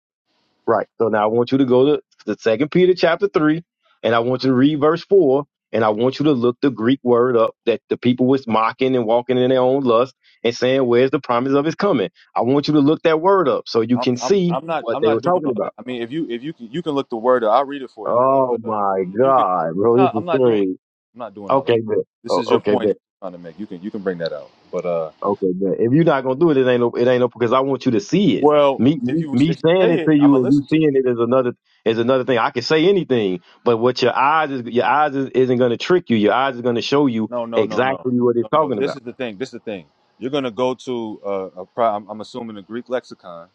[SPEAKER 4] right. So now I want you to go to the Second Peter chapter three, and I want you to read verse four, and I want you to look the Greek word up that the people was mocking and walking in their own lust and saying, "Where's the promise of his coming?" I want you to look that word up so you
[SPEAKER 5] I'm,
[SPEAKER 4] can
[SPEAKER 5] I'm
[SPEAKER 4] see
[SPEAKER 5] I'm not
[SPEAKER 4] what
[SPEAKER 5] I'm
[SPEAKER 4] they
[SPEAKER 5] not
[SPEAKER 4] were
[SPEAKER 5] doing
[SPEAKER 4] talking
[SPEAKER 5] all that.
[SPEAKER 4] about.
[SPEAKER 5] I mean, if you if you can you can look the word up, I'll read it for you.
[SPEAKER 4] Oh
[SPEAKER 5] But uh,
[SPEAKER 4] my
[SPEAKER 5] if you can,
[SPEAKER 4] God, bro,
[SPEAKER 5] no,
[SPEAKER 4] this
[SPEAKER 5] I'm
[SPEAKER 4] is
[SPEAKER 5] not doing
[SPEAKER 4] crazy.
[SPEAKER 5] I'm not doing all of
[SPEAKER 4] Okay,
[SPEAKER 5] that.
[SPEAKER 4] bet.
[SPEAKER 5] This
[SPEAKER 4] Oh,
[SPEAKER 5] is your
[SPEAKER 4] okay,
[SPEAKER 5] point that
[SPEAKER 4] bet.
[SPEAKER 5] you're trying to make. You can you can bring that out. But uh,
[SPEAKER 4] Okay, bet. If you're not gonna do it, it ain't no. It ain't no because I want you to see it.
[SPEAKER 5] well,
[SPEAKER 4] Me,
[SPEAKER 5] if
[SPEAKER 4] me,
[SPEAKER 5] you
[SPEAKER 4] me
[SPEAKER 5] if you
[SPEAKER 4] saying
[SPEAKER 5] say
[SPEAKER 4] it
[SPEAKER 5] it,
[SPEAKER 4] to
[SPEAKER 5] I'm
[SPEAKER 4] you
[SPEAKER 5] gonna
[SPEAKER 4] and you
[SPEAKER 5] listen to you.
[SPEAKER 4] seeing it is another is another thing. I can say anything, but what your eyes is your eyes is, isn't gonna trick you. Your eyes is gonna show you
[SPEAKER 5] No, no, no, no,
[SPEAKER 4] exactly what it's
[SPEAKER 5] no, no.
[SPEAKER 4] talking
[SPEAKER 5] This
[SPEAKER 4] about.
[SPEAKER 5] is the thing. This is the thing. You're gonna go to uh, a pro- I'm, I'm assuming a Greek lexicon.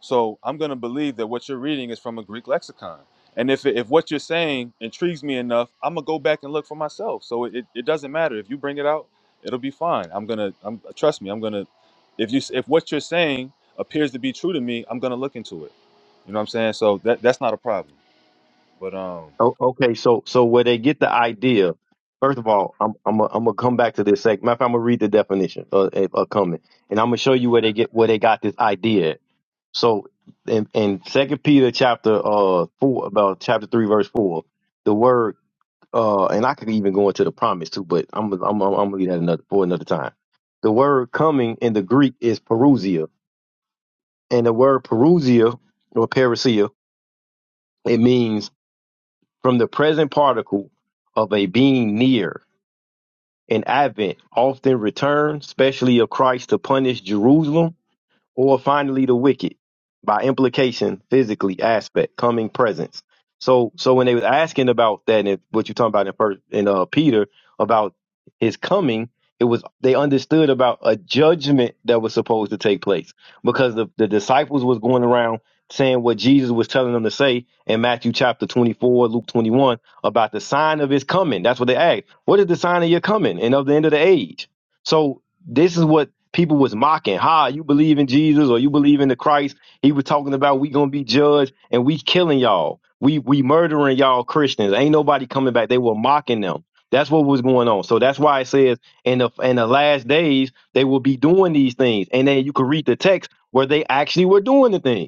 [SPEAKER 5] So I'm gonna believe that what you're reading is from a Greek lexicon. And if if what you're saying intrigues me enough, I'm gonna go back and look for myself. So it, it doesn't matter if you bring it out. It'll be fine. I'm gonna. I'm trust me. I'm gonna. If you s- if what you're saying appears to be true to me, I'm gonna look into it. You know what I'm saying? So that that's not a problem. But um,
[SPEAKER 4] Oh, okay, so so where they get the idea. First of all, I'm I'm i I'm gonna come back to this sec. Matter of fact, I'm gonna read the definition Uh, of, of coming, and I'm gonna show you where they get where they got this idea. at. So in, in Second Peter chapter uh four about chapter three verse four, the word uh and I could even go into the promise too, but I'm I'm I'm, I'm gonna leave that another for another time. The word coming in the Greek is perusia, and the word perusia or parousia it means from the present particle of a being near. An advent often return, especially of Christ to punish Jerusalem or finally the wicked by implication physically aspect coming presence so so when they was asking about that and if- what you're talking about in first in uh peter about his coming it was they understood about a judgment that was supposed to take place because the, the disciples was going around saying what jesus was telling them to say in matthew chapter 24 luke 21 about the sign of his coming that's what they asked what is the sign of your coming and of the end of the age so this is what People was mocking, "Ha, you believe in Jesus or you believe in the Christ?" He was talking about we gonna be judged and we killing y'all. We we murdering y'all Christians. Ain't nobody coming back. They were mocking them. That's what was going on. So that's why it says in the in the last days they will be doing these things. And then you can read the text where they actually were doing the things.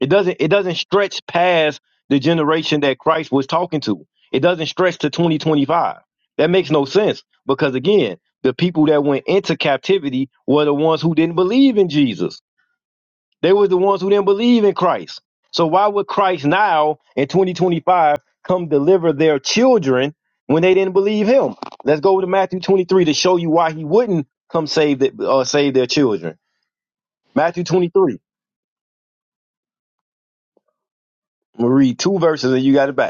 [SPEAKER 4] It doesn't it doesn't stretch past the generation that Christ was talking to. It doesn't stretch to 2025. That makes no sense because again, the people that went into captivity were the ones who didn't believe in Jesus. They were the ones who didn't believe in Christ. So why would Christ now in 2025 come deliver their children when they didn't believe him? Let's go to Matthew 23 to show you why he wouldn't come save the, uh, save their children. Matthew 23. I'm gonna read two verses and you got it back.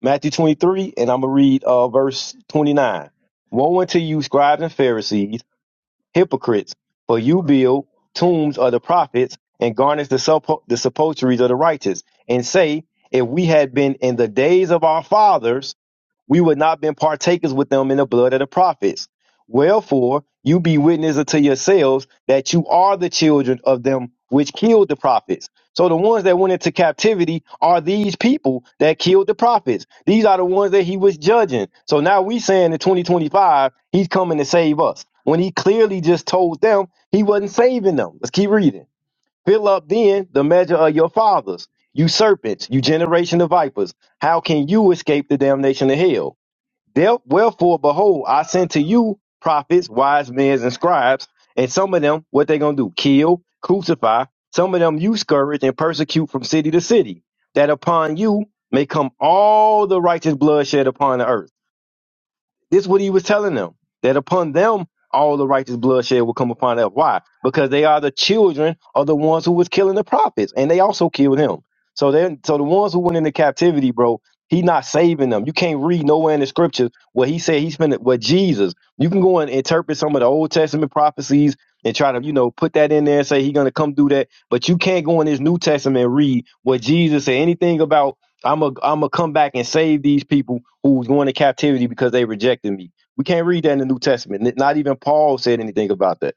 [SPEAKER 4] Matthew 23, and I'm going to read uh, verse 29. Woe unto you, scribes and Pharisees, hypocrites, for you build tombs of the prophets and garnish the, sepul- the sepulchres of the righteous, and say, If we had been in the days of our fathers, we would not have been partakers with them in the blood of the prophets. Wherefore, you be witness unto yourselves that you are the children of them which killed the prophets. So the ones that went into captivity are these people that killed the prophets. These are the ones that he was judging. So now we saying in 2025, he's coming to save us. When he clearly just told them he wasn't saving them. Let's keep reading. Fill up then the measure of your fathers, you serpents, you generation of vipers. How can you escape the damnation of hell? There- Wherefore, behold, I send to you prophets, wise men, and scribes, and some of them, what they gonna do? Kill, crucify. Some of them you scourge and persecute from city to city, that upon you may come all the righteous bloodshed upon the earth. This is what he was telling them that upon them all the righteous bloodshed will come upon them. Why? Because they are the children of the ones who was killing the prophets, and they also killed him. So then, so the ones who went into captivity, bro, he not saving them. You can't read nowhere in the scriptures where he said he spent it with Jesus. You can go and interpret some of the Old Testament prophecies and try to, you know, put that in there and say he's gonna come do that. But you can't go in his New Testament and read what Jesus said anything about I'm a I'm gonna come back and save these people who was going to captivity because they rejected me. We can't read that in the New Testament. N- Not even Paul said anything about that.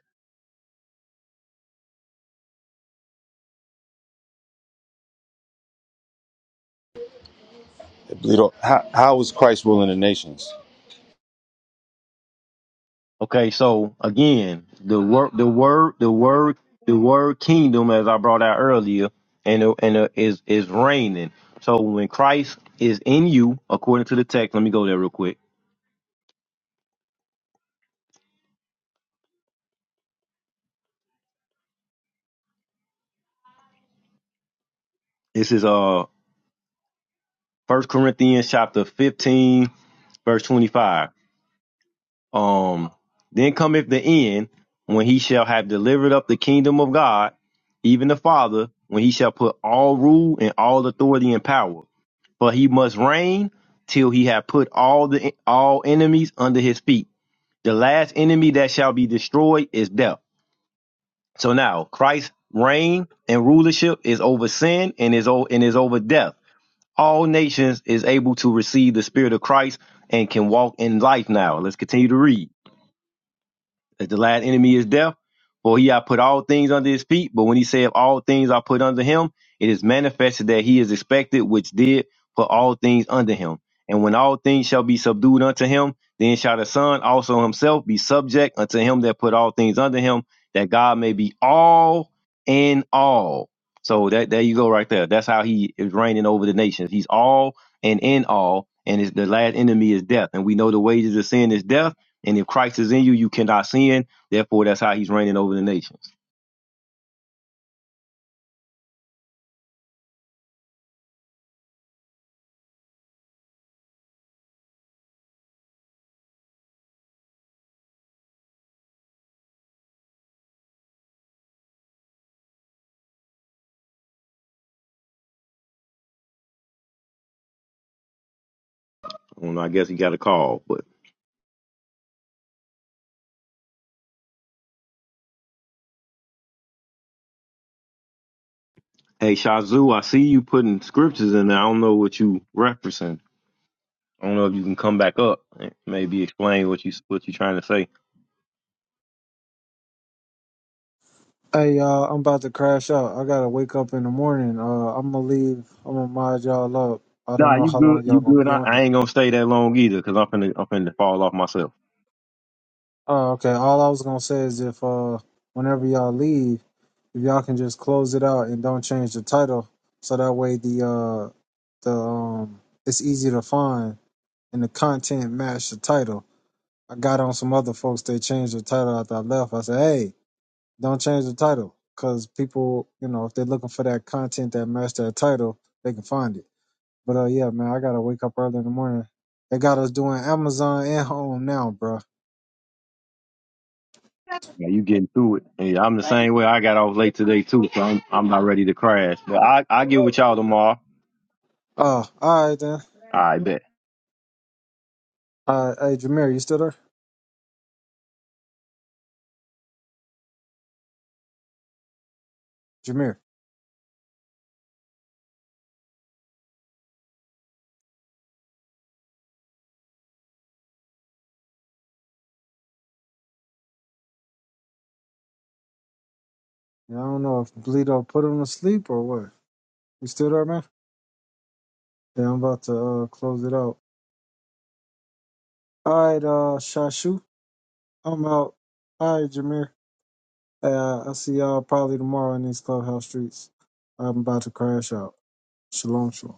[SPEAKER 5] Bleedo, how how is Christ ruling the nations?
[SPEAKER 4] Okay, so again, the word, the word, the word, the word kingdom, as I brought out earlier, and uh, and uh, is is reigning. So when Christ is in you, according to the text, let me go there real quick. This is uh First Corinthians chapter fifteen, verse twenty five. Um, then cometh the end when he shall have delivered up the kingdom of God, even the Father, when he shall put all rule and all authority and power. For he must reign till he have put all the all enemies under his feet. The last enemy that shall be destroyed is death. So now Christ's reign and rulership is over sin and is o- and is over death. All nations is able to receive the spirit of Christ and can walk in life now. Let's continue to read. As the last enemy is death, for he hath put all things under his feet. But when he saith all things are put under him, it is manifested that he is expected, which did put all things under him. And when all things shall be subdued unto him, then shall the Son also himself be subject unto him that put all things under him, that God may be all in all. So that there you go right there. That's how he is reigning over the nations. He's all and in all, and his the last enemy is death. And we know the wages of sin is death and if Christ is in you, you cannot sin. Therefore, that's how he's reigning over the nations. Well, I guess he got a call. But hey, Shazoo, I see you putting scriptures in there. I don't know what you referencing. I don't know if you can come back up and maybe explain what you what you trying to say.
[SPEAKER 2] Hey, y'all, I'm about to crash out. I gotta wake up in the morning. Uh, I'm gonna leave. I'm gonna mod y'all up. I don't
[SPEAKER 4] Nah,
[SPEAKER 2] know
[SPEAKER 4] you
[SPEAKER 2] how
[SPEAKER 4] good.
[SPEAKER 2] long
[SPEAKER 4] You
[SPEAKER 2] y'all gonna
[SPEAKER 4] good.
[SPEAKER 2] be
[SPEAKER 4] I,
[SPEAKER 2] on here.
[SPEAKER 4] I ain't gonna stay that long either, cause I'm finna I'm finna fall off myself.
[SPEAKER 2] Oh, okay. All I was gonna say is if uh, whenever y'all leave. If y'all can just close it out and don't change the title, so that way the uh the um it's easy to find and the content match the title. I got on some other folks. They changed the title after I left. I said, "Hey, don't change the title, cause people, you know, if they're looking for that content that match that title, they can find it." But uh, yeah, man, I gotta wake up early in the morning. They got us doing Amazon and home now, bro.
[SPEAKER 4] Yeah, you getting through it. Hey, I'm the same way. I got off late today too, so I'm I'm not ready to crash. But I I get with y'all tomorrow.
[SPEAKER 2] Uh, all right then.
[SPEAKER 4] I bet.
[SPEAKER 2] Uh, hey, Jameer, you still there? Jameer. Yeah, I don't know if Bleedo put him to sleep or what. You still there, man? Yeah, I'm about to uh, close it out. All right, uh, Shashu, I'm out. All right, Jameer. Uh, I'll see y'all probably tomorrow in these clubhouse streets. I'm about to crash out. Shalom, shalom.